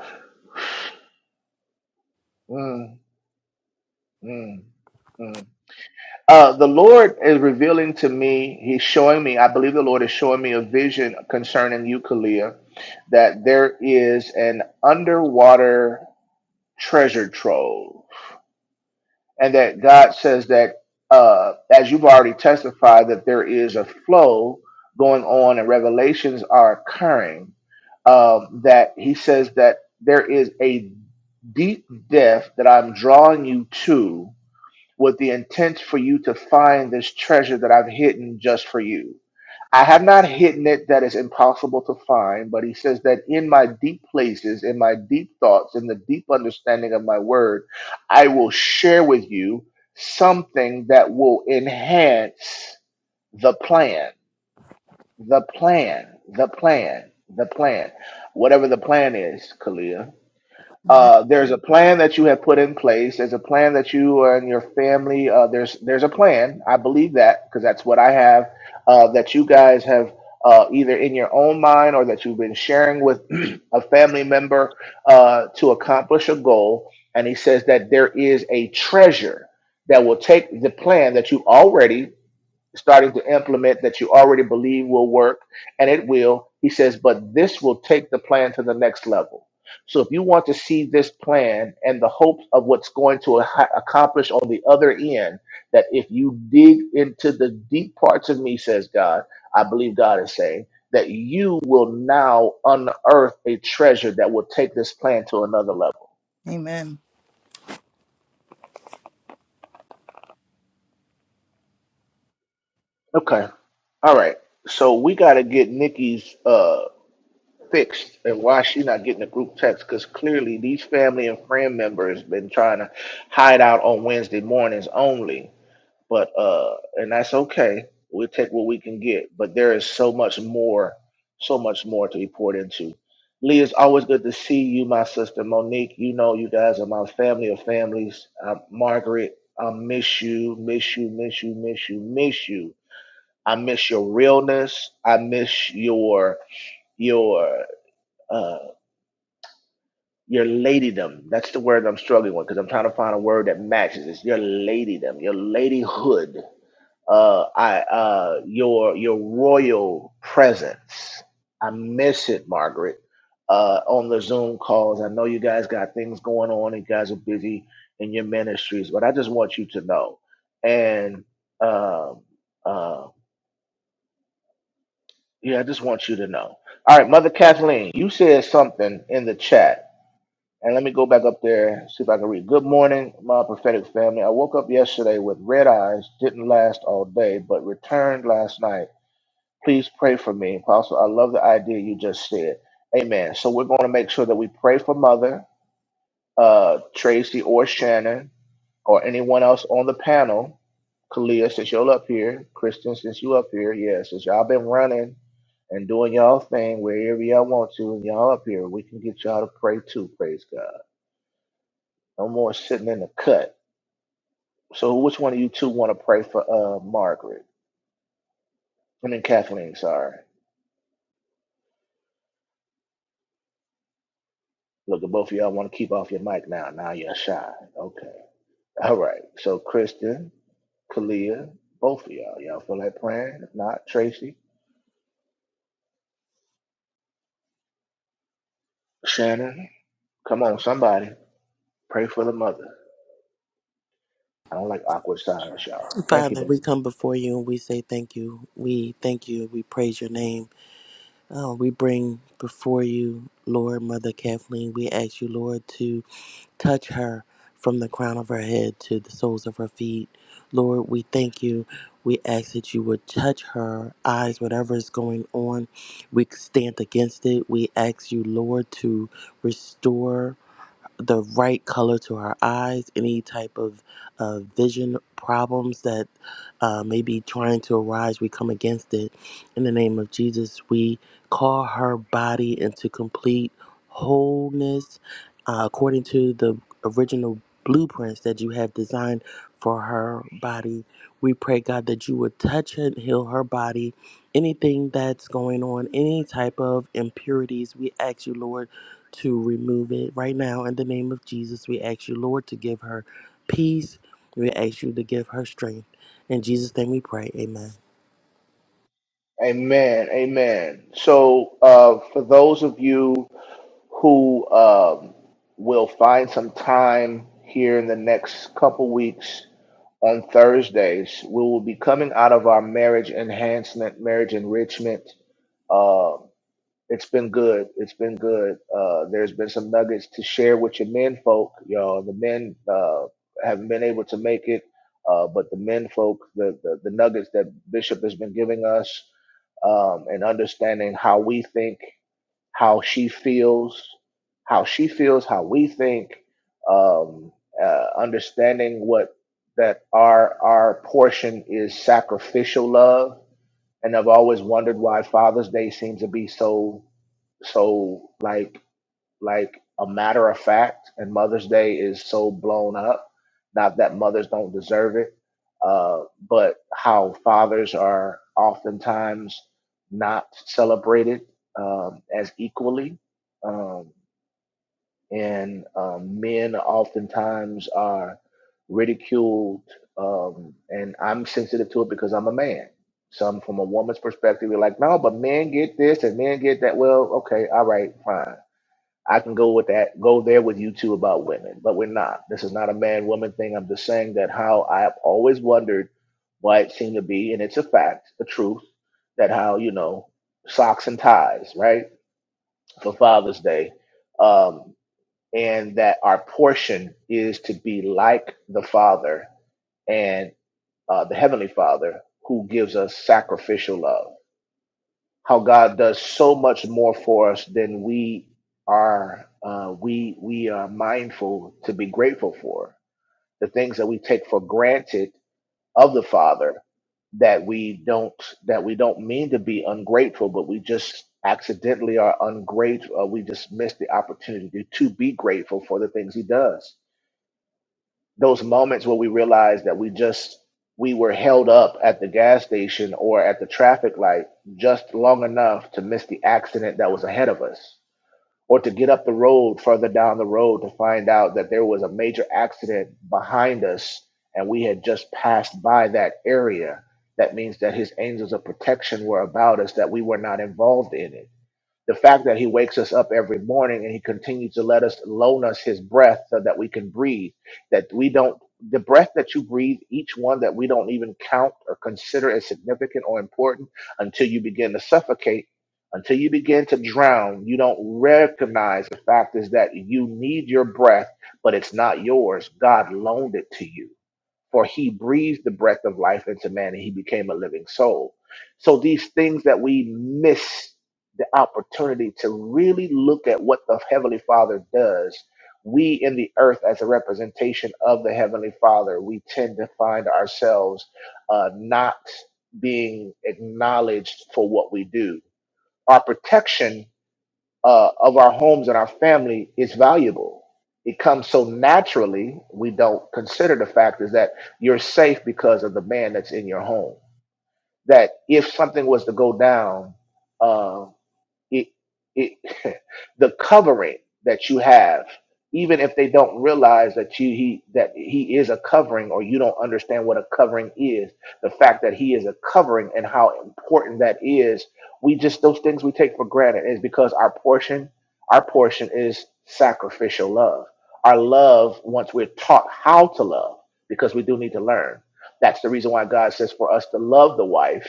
Speaker 1: Mm, mm, mm. Uh, the Lord is revealing to me, He's showing me, I believe the Lord is showing me a vision concerning you, Kalia, that there is an underwater treasure trove. and that God says that, uh, as you've already testified, that there is a flow going on and revelations are occurring. Um, that He says that there is a deep depth that I'm drawing you to with the intent for you to find this treasure that I've hidden just for you I have not hidden it that is impossible to find, but he says that in my deep places, in my deep thoughts, in the deep understanding of my word, I will share with you something that will enhance the plan, the plan, the plan, the plan, whatever the plan is, Kalia
Speaker 6: Amen.
Speaker 1: uh, there's a plan that you have put in place. There's a plan that you and your family. Uh, there's there's a plan. I believe that because that's what I have. Uh, that you guys have uh, either in your own mind or that you've been sharing with *clears throat* a family member uh, to accomplish a goal. And he says that there is a treasure that will take the plan that you already starting to implement that you already believe will work, and it will. He says, but this will take the plan to the next level. So if you want to see this plan and the hopes of what's going to ha- accomplish on the other end, that if you dig into the deep parts of me, says God, I believe God is saying that you will now unearth a treasure that will take this plan to another level.
Speaker 6: Amen.
Speaker 1: Okay. All right. So we got to get Nikki's. Uh, fixed and why she not getting a group text because clearly these family and friend members been trying to hide out on wednesday mornings only but uh and that's okay we'll take what we can get but there is so much more so much more to be poured into lee it's always good to see you my sister monique you know you guys are my family of families uh, margaret i miss you miss you miss you miss you miss you i miss your realness i miss your your uh, your ladydom. That's the word I'm struggling with because I'm trying to find a word that matches. this. your ladydom, your ladyhood, uh, I, uh, your your royal presence. I miss it, Margaret. Uh, on the Zoom calls, I know you guys got things going on. and You guys are busy in your ministries, but I just want you to know. And um, uh, yeah, I just want you to know. All right, Mother Kathleen, you said something in the chat And let me go back up there, see if I can read. Good morning, my prophetic family. I woke up yesterday with red eyes, didn't last all day, but returned last night. Please pray for me. Apostle, I love the idea you just said. Amen. So we're going to make sure that we pray for Mother, uh, Tracy or Shannon, or anyone else on the panel. Kalia, since you're up here. Kristen, since you up here. Yeah, since y'all been running and doing y'all thing wherever y'all want to, and y'all up here, we can get y'all to pray too. Praise God. No more sitting in the cut. So which one of you two want to pray for uh Margaret? I mean Kathleen, sorry. Look, if both of y'all want to keep off your mic now. Now you're shy. Okay. All right. So Kristen, Kalia, both of y'all. Y'all feel like praying? If not, Tracy, Shannon, come on, somebody. Pray for the mother. I don't like awkward silence, y'all. Thank you,
Speaker 3: Father,
Speaker 1: baby.
Speaker 3: we come before you and we say thank you. We thank you. We praise your name. Oh, we bring before you, Lord, Mother Kathleen. We ask you, Lord, to touch her from the crown of her head to the soles of her feet. Lord, we thank you. We ask that you would touch her eyes, whatever is going on. We stand against it. We ask you, Lord, to restore the right color to her eyes, any type of uh, vision problems that uh, may be trying to arise, we come against it. In the name of Jesus, we call her body into complete wholeness. Uh, according to the original blueprints that you have designed for her body. We pray, God, that you would touch and heal her body. Anything that's going on, any type of impurities, we ask you, Lord, to remove it right now in the name of Jesus. We ask you, Lord, to give her peace. We ask you to give her strength. In Jesus' name we pray. Amen.
Speaker 1: Amen. Amen. So uh for those of you who um, will find some time here in the next couple weeks on Thursdays. We will be coming out of our marriage enhancement, marriage enrichment. Uh, it's been good. It's been good. Uh, there's been some nuggets to share with your men folk. Y'all, the men uh, haven't been able to make it, uh, but the men folk, the, the, the nuggets that Bishop has been giving us um, and understanding how we think how she feels, how she feels, how we think, um, uh, understanding what that our our portion is sacrificial love. And I've always wondered why Father's Day seems to be so so like like a matter of fact, and Mother's Day is so blown up. Not that mothers don't deserve it, uh, but how fathers are oftentimes not celebrated um, as equally, um, and um, men oftentimes are ridiculed. Um, and I'm sensitive to it because I'm a man. Some from a woman's perspective, you're like, no, but men get this and men get that. Well, okay, all right, fine I can go with that, go there with you two about women, but we're not. This is not a man woman thing. I'm just saying that how I have always wondered why it seemed to be, and it's a fact, a truth, that how, you know, socks and ties, right, for Father's Day, um, and that our portion is to be like the Father and uh, the Heavenly Father who gives us sacrificial love how God does so much more for us than we are uh, we we are mindful to be grateful for the things that we take for granted of the Father that we don't that we don't mean to be ungrateful, but we just accidentally are ungrateful. Uh, we just miss the opportunity to be grateful for the things He does those moments where we realized that we just we were held up at the gas station or at the traffic light just long enough to miss the accident that was ahead of us or to get up the road further down the road to find out that there was a major accident behind us and we had just passed by that area that means that his angels of protection were about us that we were not involved in it the fact that he wakes us up every morning and he continues to let us loan us his breath so that we can breathe that we don't the breath that you breathe each one that we don't even count or consider as significant or important until you begin to suffocate until you begin to drown you don't recognize the fact is that you need your breath but it's not yours god loaned it to you for he breathed the breath of life into man and he became a living soul. So these things that we miss the opportunity to really look at what the Heavenly Father does, we in the earth as a representation of the Heavenly Father, we tend to find ourselves uh, not being acknowledged for what we do. Our protection uh, of our homes and our family is valuable. It comes so naturally, we don't consider the fact is that you're safe because of the man that's in your home. That if something was to go down, uh, it it *laughs* the covering that you have even if they don't realize that you he that he is a covering or you don't understand what a covering is the fact that he is a covering and how important that is we just those things we take for granted is because our portion our portion is sacrificial love our love once we're taught how to love because we do need to learn that's the reason why god says for us to love the wife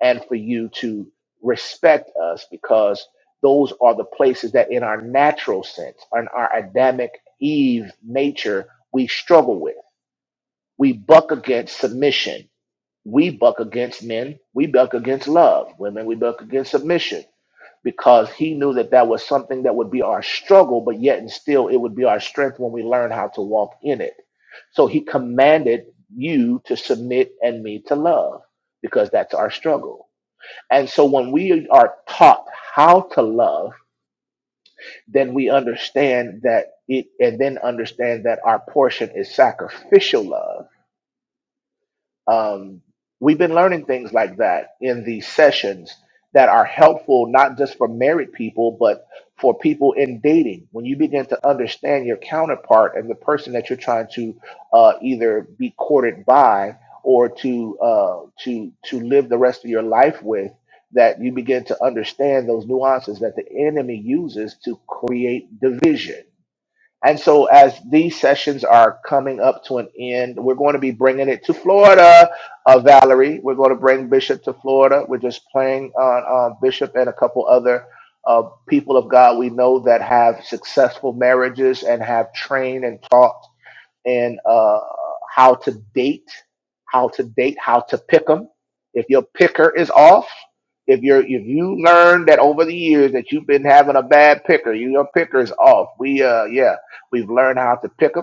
Speaker 1: and for you to respect us because those are the places that in our natural sense in our adamic eve nature we struggle with we buck against submission we buck against men we buck against love women we buck against submission because he knew that that was something that would be our struggle but yet and still it would be our strength when we learn how to walk in it so he commanded you to submit and me to love because that's our struggle and so when we are taught how to love, then we understand that it, and then understand that our portion is sacrificial love um, we've been learning things like that in these sessions that are helpful not just for married people, but for people in dating. When you begin to understand your counterpart and the person that you're trying to uh, either be courted by or to uh, to to live the rest of your life with, that you begin to understand those nuances that the enemy uses to create division and so, as these sessions are coming up to an end, we're going to be bringing it to Florida, uh, Valerie. We're going to bring Bishop to Florida. We're just playing on uh, Bishop and a couple other uh, people of God we know that have successful marriages and have trained and taught and uh, how to bait, how to bait, how to pick them. If your picker is off, if you're if you learn that over the years that you've been having a bad picker, your picker is off. We uh yeah, we've learned how to pick them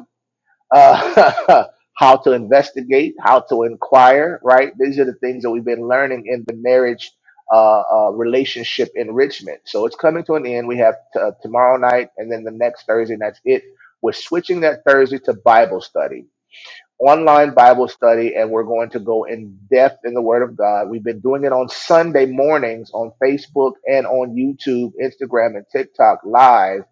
Speaker 1: uh, *laughs* how to investigate, how to inquire, right? These are the things that we've been learning in the marriage uh, uh, relationship enrichment. So it's coming to an end. We have t- uh, tomorrow night and then the next Thursday, and that's it. We're switching that Thursday to Bible study online Bible study, and we're going to go in depth in the Word of God. We've been doing it on Sunday mornings on Facebook and on YouTube, Instagram, and TikTok live.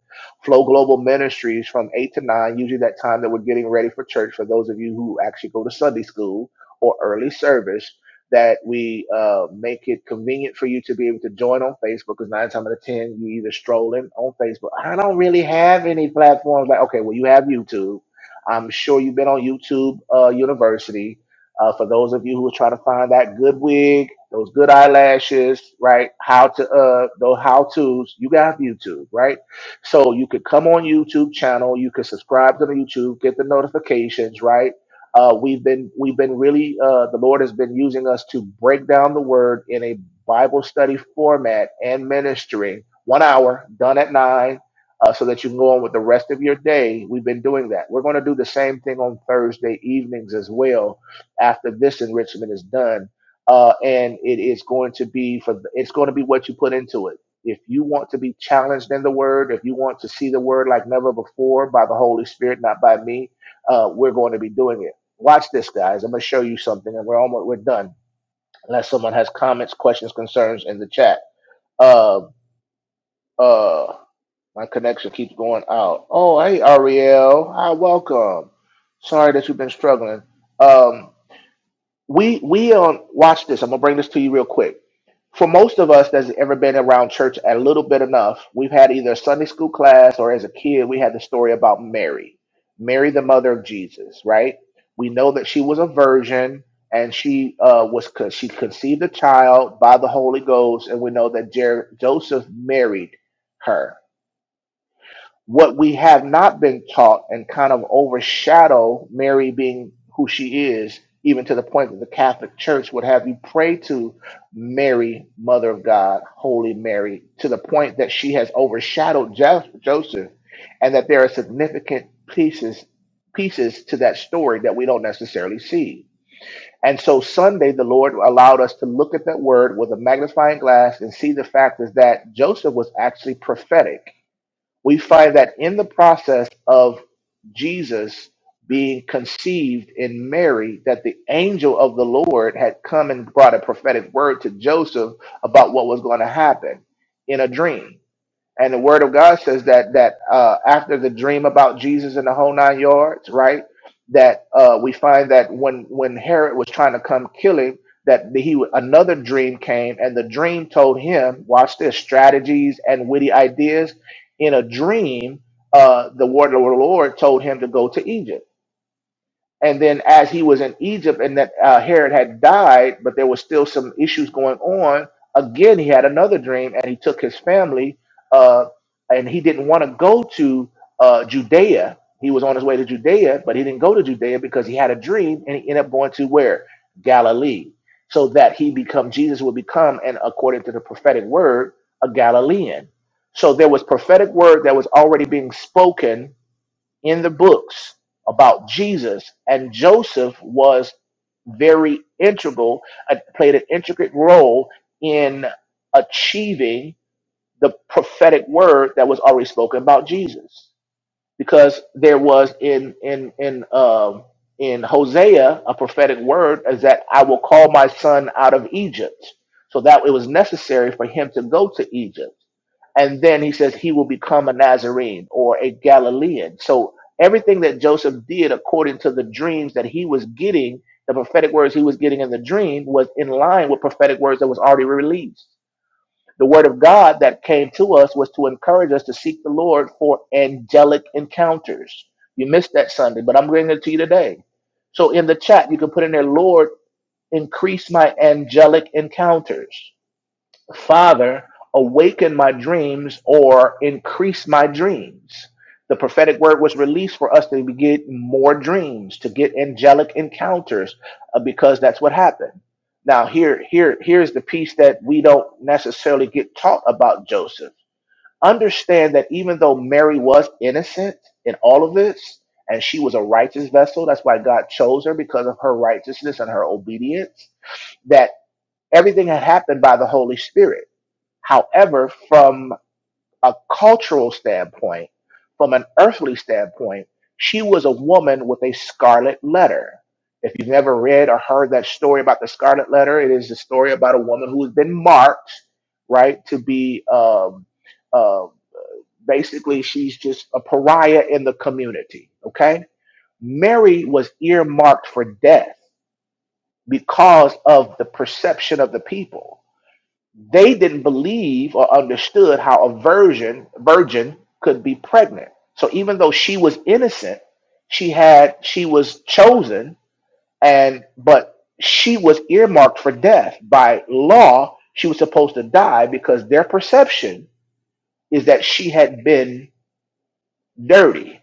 Speaker 1: Flow Global Ministries from 8 to 9, usually that time that we're getting ready for church for those of you who actually go to Sunday school or early service. That we uh, make it convenient for you to be able to join on Facebook because nine times out of ten you either strolling on Facebook. I don't really have any platforms like okay, well you have YouTube I'm sure you've been on YouTube uh, University. Uh, for those of you who are trying to find that good wig, those good eyelashes, right? How to uh, those how tos. You got YouTube, right? So you could come on YouTube channel. You could subscribe to the YouTube, get the notifications, right? Uh, we've been we've been really uh, the Lord has been using us to break down the Word in a Bible study format and ministry. One hour done at nine uh, so that you can go on with the rest of your day. We've been doing that. We're going to do the same thing on Thursday evenings as well after this enrichment is done. Uh, and it is going to be for it's going to be what you put into it. If you want to be challenged in the word, if you want to see the word like never before by the Holy Spirit, not by me, uh, we're going to be doing it. Watch this, guys. I'm going to show you something, and we're almost we're done. Unless someone has comments, questions, concerns in the chat. Uh, uh, my connection keeps going out. Oh, hey, Ariel. Hi, welcome. Sorry that you've been struggling. Um, we we um watch this. I'm gonna bring this to you real quick. For most of us that's ever been around church a little bit enough, we've had either a Sunday school class or as a kid we had the story about Mary, Mary the mother of Jesus, right? We know that she was a virgin and she uh, was con- she conceived a child by the Holy Ghost, and we know that Jer- Joseph married her what we have not been taught and kind of overshadow Mary being who she is, even to the point that the Catholic Church would have you pray to Mary, Mother of God, Holy Mary, to the point that she has overshadowed Jo- Joseph, and that there are significant pieces pieces to that story that we don't necessarily see. And so Sunday, the Lord allowed us to look at that word with a magnifying glass and see the fact is that Joseph was actually prophetic we find that in the process of Jesus being conceived in Mary, that the angel of the Lord had come and brought a prophetic word to Joseph about what was going to happen in a dream. And the word of God says that that uh, after the dream about Jesus and the whole nine yards, right? That uh, we find that when when Herod was trying to come kill him, that he another dream came, and the dream told him, watch this, strategies and witty ideas. In a dream, uh, the word of the Lord told him to go to Egypt and then, as he was in Egypt, and that uh, Herod had died, but there was still some issues going on. Again, he had another dream, and he took his family, uh, and he didn't want to go to uh, Judea. He was on his way to Judea, but he didn't go to Judea because he had a dream, and he ended up going to where Galilee, so that he become Jesus would become, and according to the prophetic word, a Galilean. So there was prophetic word that was already being spoken in the books about Jesus, and Joseph was very integral, uh, played an intricate role in achieving the prophetic word that was already spoken about Jesus. Because there was in in in um, in Hosea a prophetic word is that I will call my son out of Egypt. So that it was necessary for him to go to Egypt and then he says he will become a Nazarene or a Galilean. So everything that Joseph did according to the dreams that he was getting, the prophetic words he was getting in the dream was in line with prophetic words that was already released. The word of God that came to us was to encourage us to seek the Lord for angelic encounters. You missed that Sunday, but I'm bringing it to you today. So in the chat, you can put in there, Lord, increase my angelic encounters. Father, awaken my dreams or increase my dreams. The prophetic word was released for us to get more dreams, to get angelic encounters, uh, because that's what happened. Now, here, here, here's the piece that we don't necessarily get taught about Joseph. Understand that even though Mary was innocent in all of this, and she was a righteous vessel, that's why God chose her because of her righteousness and her obedience, that everything had happened by the Holy Spirit However, from a cultural standpoint, from an earthly standpoint, she was a woman with a scarlet letter. If you've never read or heard that story about the scarlet letter, it is a story about a woman who has been marked, right, to be um, uh, basically she's just a pariah in the community, okay? Mary was earmarked for death because of the perception of the people they didn't believe or understood how a virgin virgin could be pregnant. So even though she was innocent, she had she was chosen and but she was earmarked for death by law. She was supposed to die because their perception is that she had been dirty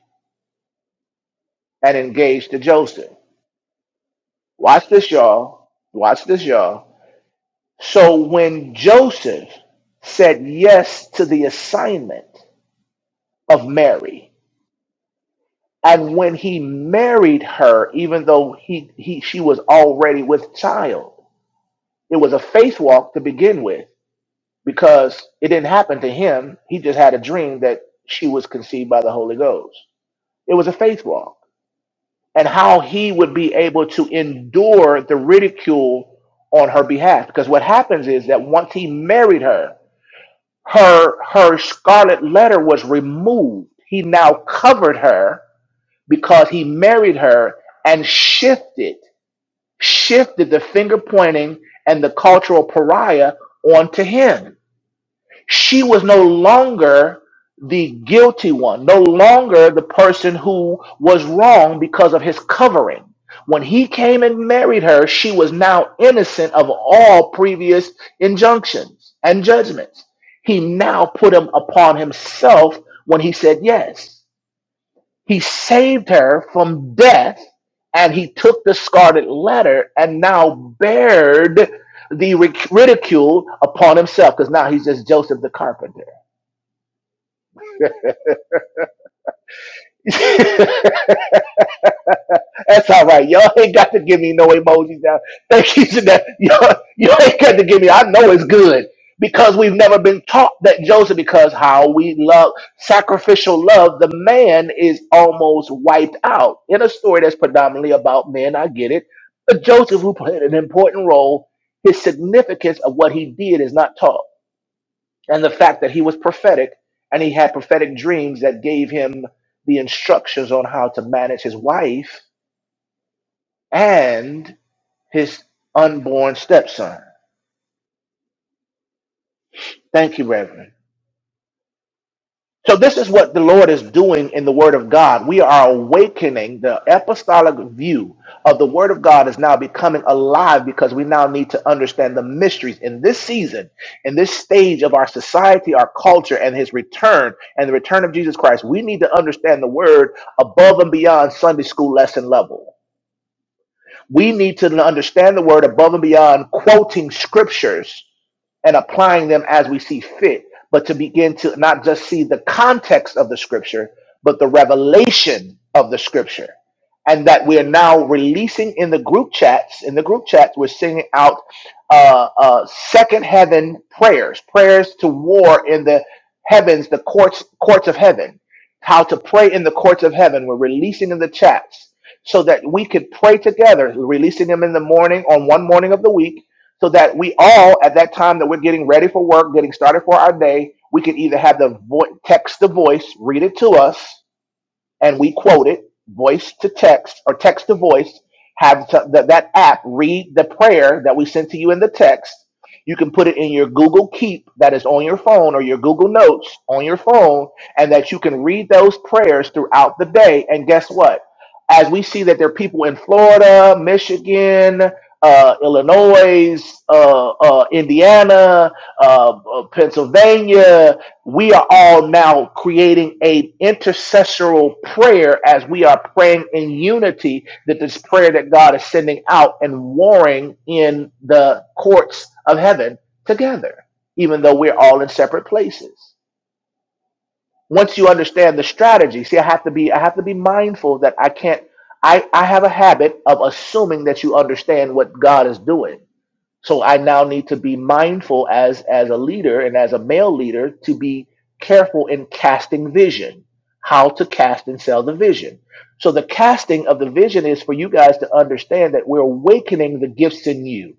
Speaker 1: and engaged to Joseph. Watch this, y'all. Watch this, y'all. So when Joseph said yes to the assignment of Mary, And when he married her, even though he, he she was already with child, it was a faith walk to begin with because it didn't happen to him. He just had a dream that she was conceived by the Holy Ghost. It was a faith walk. And how he would be able to endure the ridicule on her behalf. Because what happens is that once he married her, her her scarlet letter was removed. He now covered her because he married her and shifted shifted the finger pointing and the cultural pariah onto him she was no longer the guilty one no longer the person who was wrong because of his covering when he came and married her she was now innocent of all previous injunctions and judgments he now put them upon himself when he said yes he saved her from death and he took the scarlet letter and now bared the ridicule upon himself because now he's just Joseph the carpenter. *laughs* That's all right. Y'all ain't got to give me no emojis now. Thank you to that. Y'all, y'all ain't got to give me. I know it's good because we've never been taught that Joseph. Because how we love sacrificial love, the man is almost wiped out in a story that's predominantly about men. I get it, but Joseph, who played an important role, his significance of what he did is not taught, and the fact that he was prophetic and he had prophetic dreams that gave him the instructions on how to manage his wife and his unborn stepson. Thank you, Reverend. So, this is what the Lord is doing in the Word of God. We are awakening the apostolic view of the Word of God is now becoming alive because we now need to understand the mysteries in this season, in this stage of our society, our culture, and His return and the return of Jesus Christ. We need to understand the Word above and beyond Sunday school lesson level. We need to understand the Word above and beyond quoting scriptures and applying them as we see fit, but to begin to not just see the context of the scripture, but the revelation of the scripture. And that we are now releasing in the group chats, in the group chats, we're singing out uh, uh, second heaven prayers, prayers to war in the heavens, the courts, courts of heaven, how to pray in the courts of heaven. We're releasing in the chats so that we could pray together, releasing them in the morning on one morning of the week so that we all at that time that we're getting ready for work getting started for our day we can either have the vo- text the voice read it to us and we quote it voice to text or text to voice have to, that, that app read the prayer that we sent to you in the text you can put it in your google keep that is on your phone or your google notes on your phone and that you can read those prayers throughout the day and guess what as we see that there are people in florida michigan uh, illinois uh, uh, indiana uh, uh, pennsylvania we are all now creating a intercessoral prayer as we are praying in unity that this prayer that God is sending out and warring in the courts of heaven together, even though we're all in separate places. Once you understand the strategy, see, I have to be, I have to be mindful that I can't, I, I have a habit of assuming that you understand what God is doing so I now need to be mindful as as a leader and as a male leader to be careful in casting vision, how to cast and sell the vision. So the casting of the vision is for you guys to understand that we're awakening the gifts in you,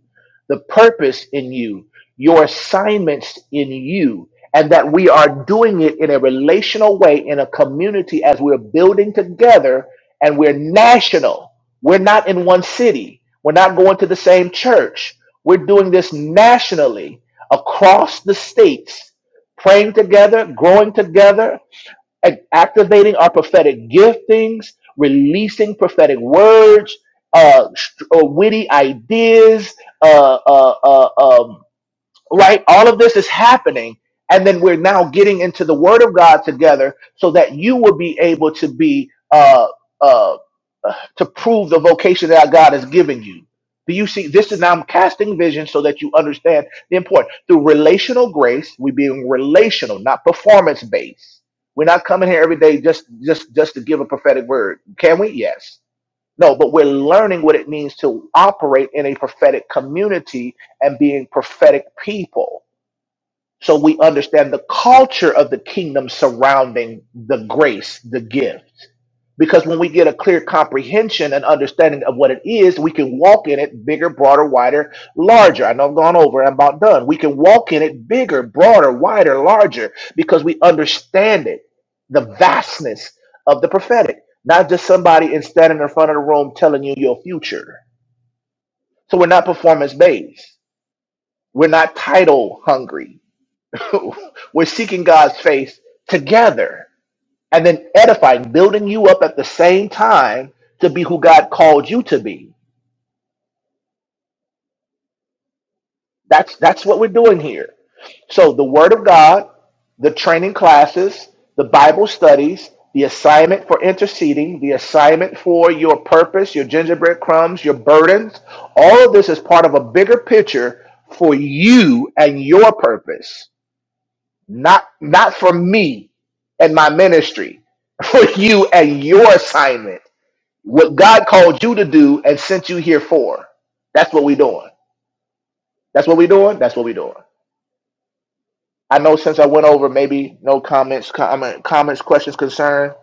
Speaker 1: the purpose in you, your assignments in you, and that we are doing it in a relational way in a community as we're building together and we're national. We're not in one city. We're not going to the same church. We're doing this nationally across the states, praying together, growing together, and activating our prophetic giftings, releasing prophetic words, uh, st- uh, witty ideas, uh, uh, uh, um, right? All of this is happening. And then we're now getting into the Word of God together so that you will be able to be, uh, uh, uh, to prove the vocation that God has given you. Do you see? This is now I'm casting vision so that you understand the importance. Through relational grace, we being relational, not performance based. We're not coming here every day just just just to give a prophetic word. Can we? Yes. No, but we're learning what it means to operate in a prophetic community and being prophetic people. So we understand the culture of the kingdom surrounding the grace, the gift. Because when we get a clear comprehension and understanding of what it is, we can walk in it bigger, broader, wider, larger. I know I've gone over, I'm about done. We can walk in it bigger, broader, wider, larger because we understand it, the vastness of the prophetic, not just somebody in standing in front of the room telling you your future. So we're not performance based, we're not title hungry. *laughs* we're seeking God's face together and then edifying, building you up at the same time to be who God called you to be. That's that's what we're doing here. So the Word of God, the training classes, the Bible studies, the assignment for interceding, the assignment for your purpose, your gingerbread crumbs, your burdens, all of this is part of a bigger picture for you and your purpose, not not for me and my ministry, *laughs* for you and your assignment. What God called you to do and sent you here for. That's what we doing. That's what we doing. That's what we doing. I know since I went over, maybe no comments, comment, comments, questions, concern.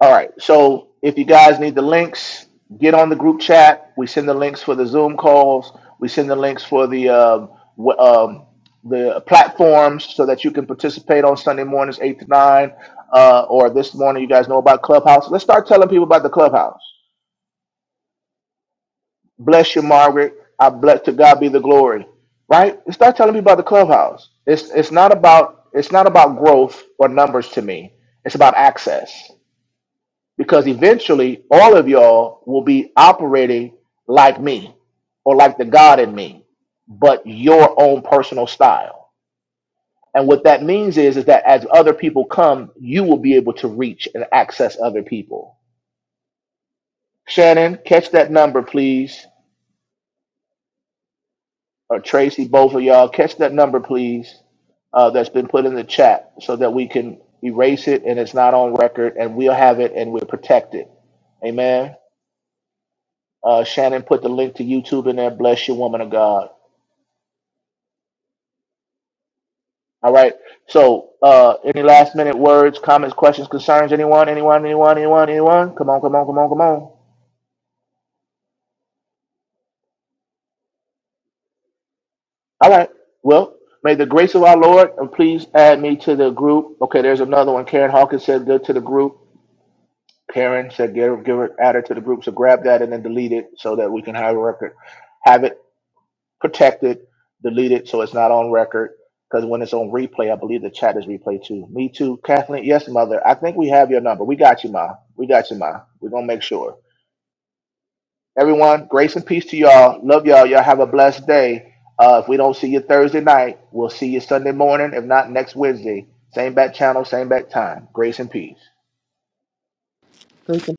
Speaker 1: All right. So if you guys need the links, get on the group chat. We send the links for the Zoom calls. We send the links for the um, w- um, the platforms so that you can participate on Sunday mornings eight to nine, uh, or this morning. You guys know about Clubhouse. Let's start telling people about the Clubhouse. Bless you, Margaret. I bless to God be the glory. Right? And start telling me about the clubhouse. It's it's not about it's not about growth or numbers to me. It's about access. Because eventually all of y'all will be operating like me or like the God in me, but your own personal style. And what that means is, is that as other people come, you will be able to reach and access other people. Shannon, catch that number, please. or Tracy, both of y'all, catch that number, please, uh, that's been put in the chat so that we can erase it and it's not on record and we'll have it and we'll protect it. Amen. Uh, Shannon put the link to YouTube in there. Bless you, woman of God. All right. So, uh, any last minute words, comments, questions, concerns? Anyone, anyone, anyone, anyone, anyone? Come on, come on, come on, come on. All right. Well, may the grace of our Lord, and please add me to the group. Okay, there's another one. Karen Hawkins said, good to the group. Karen said, give, give it, add it to the group. So grab that and then delete it so that we can have a record, have it protected, delete it so it's not on record. Because when it's on replay, I believe the chat is replay too. Me too, Kathleen. Yes, mother. I think we have your number. We got you, ma. We got you, ma. We're gonna make sure. Everyone, grace and peace to y'all. Love y'all. Y'all have a blessed day. Uh, if we don't see you Thursday night, we'll see you Sunday morning. If not, next Wednesday. Same bat channel, same bat time. Grace and peace.
Speaker 3: Thank you.